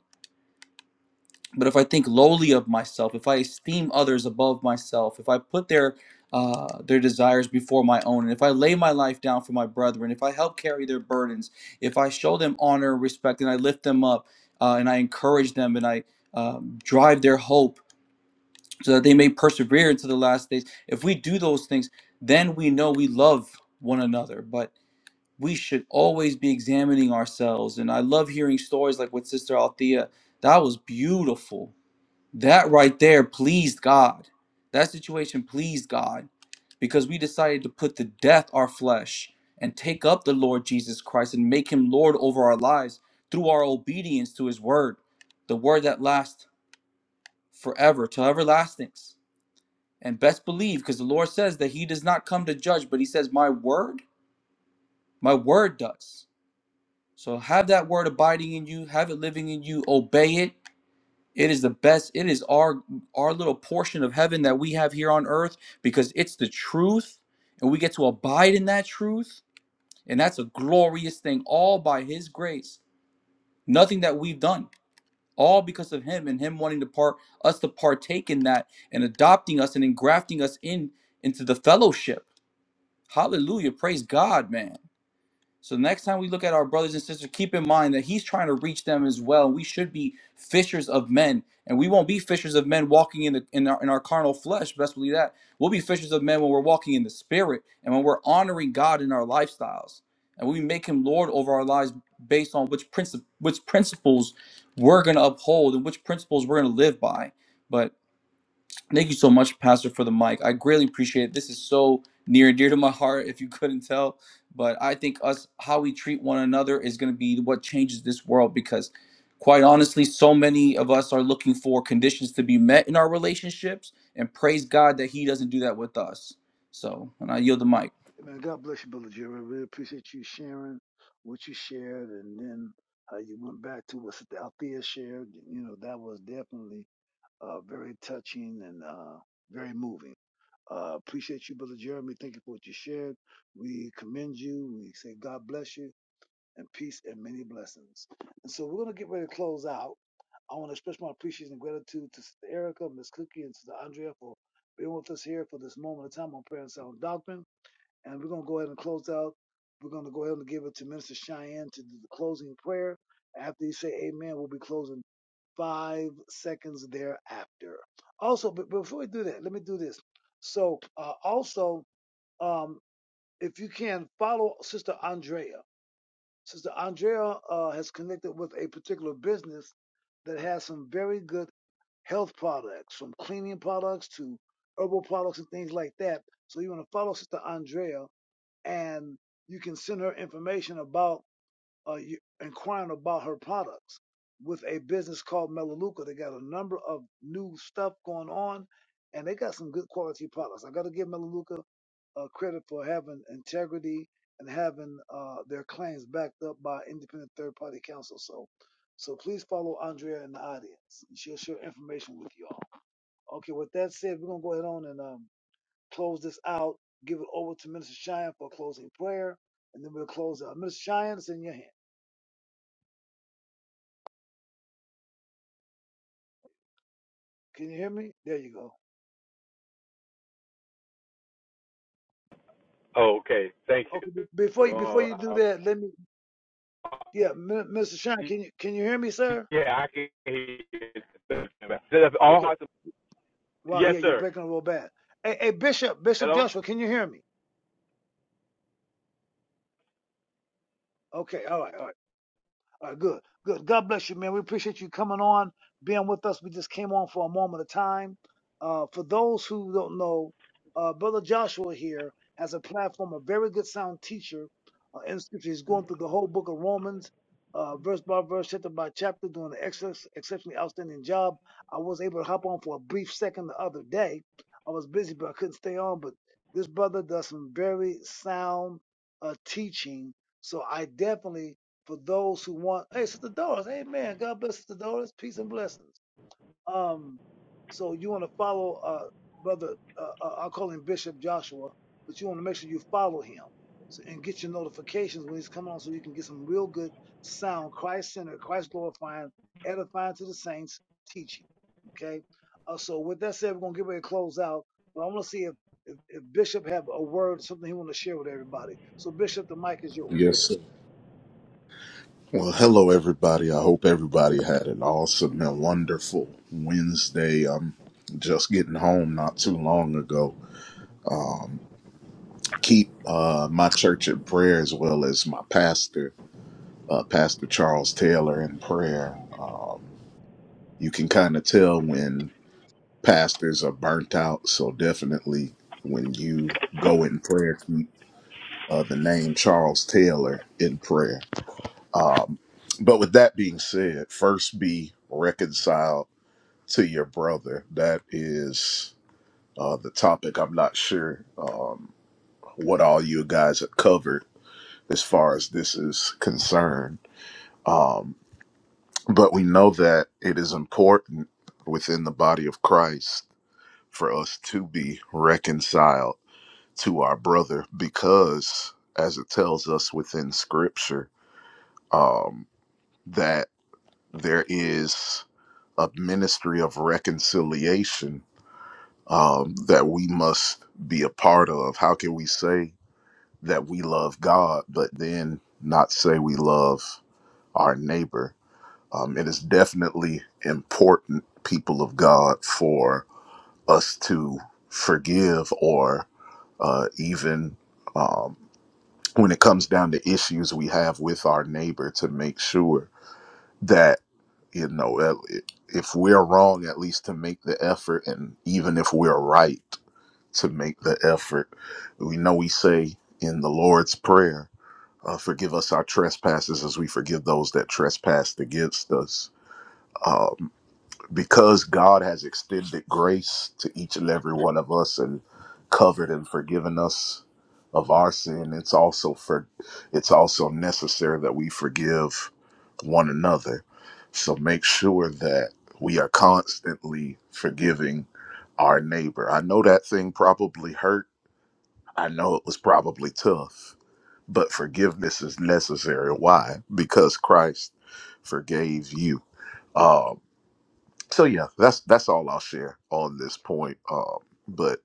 [SPEAKER 4] But if I think lowly of myself, if I esteem others above myself, if I put their uh, their desires before my own, and if I lay my life down for my brethren, if I help carry their burdens, if I show them honor, respect, and I lift them up, uh, and I encourage them, and I um, drive their hope so that they may persevere into the last days. If we do those things, then we know we love one another. But we should always be examining ourselves. And I love hearing stories like with Sister Althea. That was beautiful. That right there pleased God. That situation pleased God because we decided to put to death our flesh and take up the Lord Jesus Christ and make him Lord over our lives through our obedience to his word, the word that lasts forever to everlastings. And best believe, because the Lord says that he does not come to judge, but he says, My word, my word does. So have that word abiding in you, have it living in you, obey it. It is the best. It is our our little portion of heaven that we have here on earth because it's the truth and we get to abide in that truth. And that's a glorious thing all by his grace. Nothing that we've done. All because of him and him wanting to part us to partake in that and adopting us and engrafting us in into the fellowship. Hallelujah. Praise God, man. So next time we look at our brothers and sisters, keep in mind that he's trying to reach them as well. We should be fishers of men, and we won't be fishers of men walking in the in our, in our carnal flesh. Best believe that we'll be fishers of men when we're walking in the spirit and when we're honoring God in our lifestyles, and we make Him Lord over our lives based on which princip- which principles we're going to uphold and which principles we're going to live by. But Thank you so much, Pastor, for the mic. I greatly appreciate it. This is so near and dear to my heart, if you couldn't tell. But I think us how we treat one another is going to be what changes this world because quite honestly, so many of us are looking for conditions to be met in our relationships and praise God that he doesn't do that with us. So, and I yield the mic.
[SPEAKER 1] Man, God bless you, Brother Jerry. I really appreciate you sharing what you shared and then how you went back to what Sister Althea shared. You know, that was definitely uh, very touching and uh, very moving. Uh, appreciate you, Brother Jeremy. Thank you for what you shared. We commend you. We say God bless you and peace and many blessings. And so we're going to get ready to close out. I want to express my appreciation and gratitude to Sister Erica, Miss Cookie, and Sister Andrea for being with us here for this moment of time on Prayer and Sound Doctrine. And we're going to go ahead and close out. We're going to go ahead and give it to Minister Cheyenne to do the closing prayer. After you say amen, we'll be closing five seconds thereafter. Also, but before we do that, let me do this. So, uh, also, um, if you can follow Sister Andrea. Sister Andrea uh, has connected with a particular business that has some very good health products, from cleaning products to herbal products and things like that. So you want to follow Sister Andrea and you can send her information about uh, inquiring about her products with a business called Melaleuca. They got a number of new stuff going on, and they got some good quality products. I got to give Melaleuca uh, credit for having integrity and having uh, their claims backed up by independent third party counsel. So, so please follow Andrea in the audience. She'll share information with you all. Okay, with that said, we're gonna go ahead on and um, close this out, give it over to Minister Cheyenne for a closing prayer, and then we'll close out. Minister Cheyenne, it's in your hand. Can you hear me? There you go.
[SPEAKER 2] Oh, okay. Thank
[SPEAKER 1] Okay.
[SPEAKER 2] you.
[SPEAKER 1] be- Before you before you do
[SPEAKER 2] Uh,
[SPEAKER 1] that, let me. Yeah, Mi- Minister Cheyenne, can you can you hear me, sir?
[SPEAKER 2] yeah, I can hear you. All
[SPEAKER 1] Okay.
[SPEAKER 2] hearts- are-
[SPEAKER 1] Wow.
[SPEAKER 2] Yes,
[SPEAKER 1] Yeah, you're
[SPEAKER 2] sir.
[SPEAKER 1] breaking real bad. Hey, hey, Bishop Bishop
[SPEAKER 2] Hello?
[SPEAKER 1] Joshua, can you hear me? Okay. All right. All right. All right, good, good. God bless you, man. We appreciate you coming on, being with us. We just came on for a moment of time. Uh, for those who don't know, uh, Brother Joshua here has a platform, a very good sound teacher uh, in scripture. He's going through the whole book of Romans, uh, verse by verse, chapter by chapter, doing an excess, exceptionally outstanding job. I was able to hop on for a brief second the other day. I was busy, but I couldn't stay on. But this brother does some very sound uh, teaching. So I definitely for those who want. Hey, Sister Doris, amen. God bless Sister Doris. Peace and blessings. Um, so you want to follow uh, brother, uh, uh, I'll call him Bishop Joshua, but you want to make sure you follow him so, and get your notifications when he's coming on so you can get some real good, sound, Christ-centered, Christ-glorifying, edifying to the saints teaching. Okay? Uh, so with that said, we're going to get ready to close out, but I want to see if, if, if Bishop have a word, something he want to share with everybody. So Bishop, the mic is yours.
[SPEAKER 5] Yes, sir. Well, hello, everybody. I hope everybody had an awesome and wonderful Wednesday. I'm just getting home not too long ago. Keep uh, my church in prayer as well as my pastor, uh, Pastor Charles Taylor, in prayer. Um, you can kind of tell when pastors are burnt out, so definitely when you go in prayer, keep uh, the name Charles Taylor in prayer. But with that being said, first be reconciled to your brother. That is uh, the topic. I'm not sure um, what all you guys have covered as far as this is concerned. Um, but we know that it is important within the body of Christ for us to be reconciled to our brother because, as it tells us within Scripture, um, that there is a ministry of reconciliation um, that we must be a part of. How can we say that we love God, but then not say we love our neighbor? Um, it is definitely important, people of God, for us to forgive or uh, even um, when it comes down to issues we have with our neighbor to make sure that, you know, uh, if we're wrong, at least to make the effort, and even if we're right to make the effort. We know we say in the Lord's Prayer, uh, forgive us our trespasses as we forgive those that trespass against us. Um, because God has extended grace to each and every one of us and covered and forgiven us of our sin, it's also for it's also necessary that we forgive one another. So make sure that we are constantly forgiving our neighbor. I know that thing probably hurt I know it was probably tough, but forgiveness is necessary. Why? Because Christ forgave you. Um, so yeah, that's that's all I'll share on this point. Um, but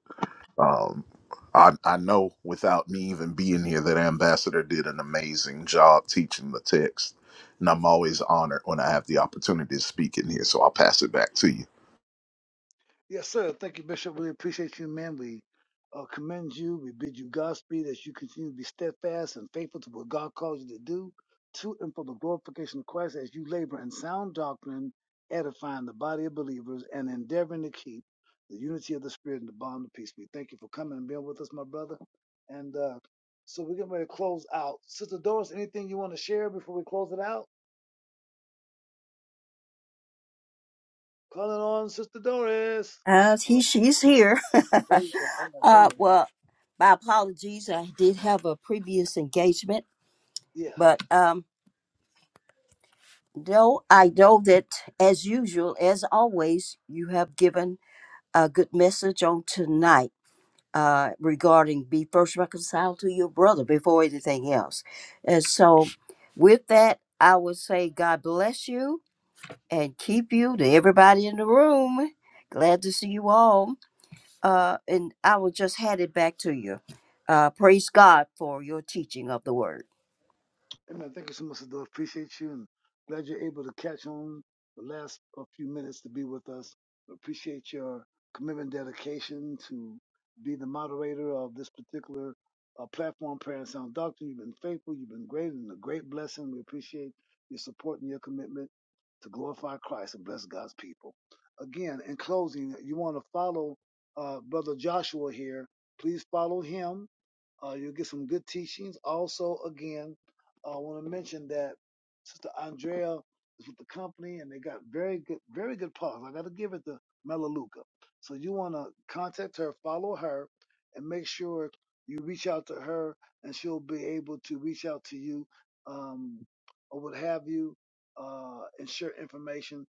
[SPEAKER 5] um, I, I know without me even being here that Ambassador did an amazing job teaching the text, and I'm always honored when I have the opportunity to speak in here. So I'll pass it back to you.
[SPEAKER 1] Yes, sir. Thank you, Bishop. We appreciate you, man. We uh, commend you. We bid you Godspeed as you continue to be steadfast and faithful to what God calls you to do, to and for the glorification of Christ as you labor in sound doctrine, edifying the body of believers, and endeavoring to keep the unity of the Spirit and the bond of peace. We thank you for coming and being with us, my brother. And uh, so we're getting ready to close out. Sister Doris, anything you want to share before we close it out? Calling on Sister Doris.
[SPEAKER 6] Uh, he, she's here.
[SPEAKER 1] Oh, there you go. Oh, There
[SPEAKER 6] uh,
[SPEAKER 1] you go.
[SPEAKER 6] well, my apologies. I did have a previous engagement,
[SPEAKER 1] Yeah.
[SPEAKER 6] but um, no, I know that as usual, as always, you have given a good message on tonight uh, regarding be first reconciled to your brother before anything else. And so, with that, I would say God bless you and keep you to everybody in the room. Glad to see you all. uh, and I will just hand it back to you. Uh, praise God for your teaching of the word.
[SPEAKER 1] Hey man, thank you so much, Adore. Appreciate you and glad you're able to catch on the last uh, few minutes to be with us. Appreciate your commitment, dedication to be the moderator of this particular uh, platform, Prayer and Sound Doctrine. You've been faithful, you've been great, and a great blessing. We appreciate your support and your commitment to glorify Christ and bless God's people. Again, in closing, you want to follow uh, Brother Joshua here. Please follow him uh, you'll get some good teachings. Also, again, uh, I want to mention that Sister Andrea is with the company, and they got very good, very good parts. I got to give it to Melaleuca. So you want to contact her, follow her, and make sure you reach out to her, and she'll be able to reach out to you um, or what have you, uh, and share information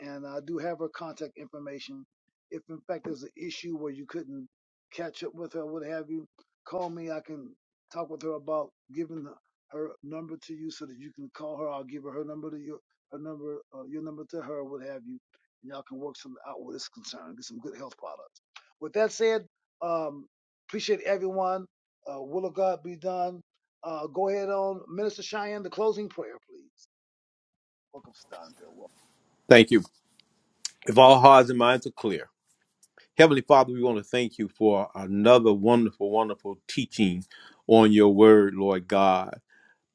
[SPEAKER 1] and I do have her contact information. If in fact there's an issue where you couldn't catch up with her, what have you, call me. I can talk with her about giving her number to you so that you can call her. I'll give her her number to you, her number, uh, your number to her, what have you, and y'all can work something out where it's concerned. Get some good health products. With that said, um, appreciate everyone. Uh, will of God be done. Uh, go ahead on, Minister Cheyenne, the closing prayer, please. Welcome, Sandra. Welcome.
[SPEAKER 2] Thank you. If all hearts and minds are clear. Heavenly Father, we want to thank you for another wonderful, wonderful teaching on your word, Lord God.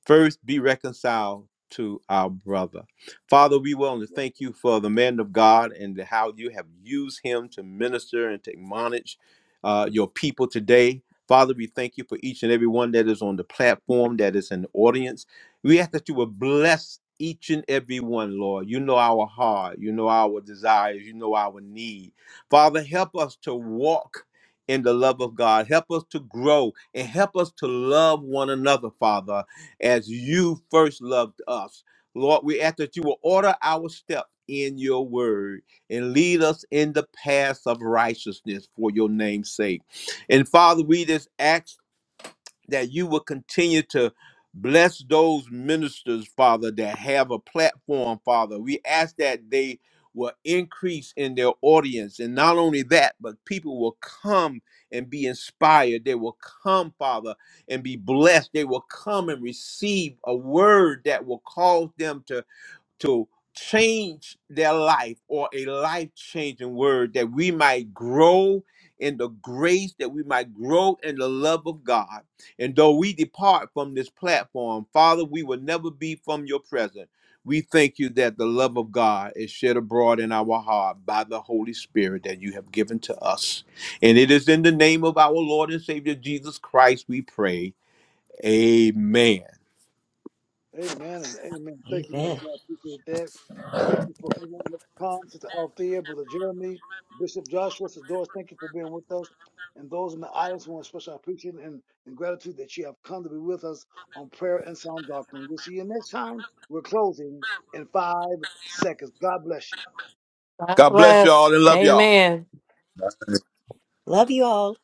[SPEAKER 2] First, be reconciled to our brother. Father, we want to
[SPEAKER 1] Yes.
[SPEAKER 2] thank you for the man of God and how you have used him to minister and to admonish uh, your people today. Father, we thank you for each and every one that is on the platform, that is in the audience. We ask that you will bless each and every one, Lord. You know our heart, you know our desires, you know our need. Father, help us to walk in the love of God. Help us to grow and help us to love one another, Father as you first loved us. Lord, we ask that you will order our steps in your word and lead us in the paths of righteousness for your name's sake. And Father, we just ask that you will continue to bless those ministers, Father, that have a platform, Father. We ask that they will increase in their audience. And not only that, but people will come and be inspired. They will come, Father, and be blessed. They will come and receive a word that will cause them to to change their life or a life changing word that we might grow in the grace that we might grow in the love of God. And though we depart from this platform, Father, we will never be from your presence. We thank you that the love of God is shed abroad in our heart by the Holy Spirit that you have given to us. And it is in the name of our Lord and Savior Jesus Christ we pray. Amen.
[SPEAKER 1] Amen and amen. Thank you, man of
[SPEAKER 6] Amen.
[SPEAKER 1] God. Appreciate that. Thank you for everyone that comes. Sister Althea, Brother Jeremy, Bishop Joshua, Sister Doris, thank you for being with us. And those in the audience, we want to express our appreciation and, and gratitude that you have come to be with us on prayer and sound doctrine. We'll see you next time. We're closing in five seconds. God bless you.
[SPEAKER 3] God
[SPEAKER 2] God bless y'all
[SPEAKER 3] bless.
[SPEAKER 2] and love y'all.
[SPEAKER 3] Amen.
[SPEAKER 6] Love you all.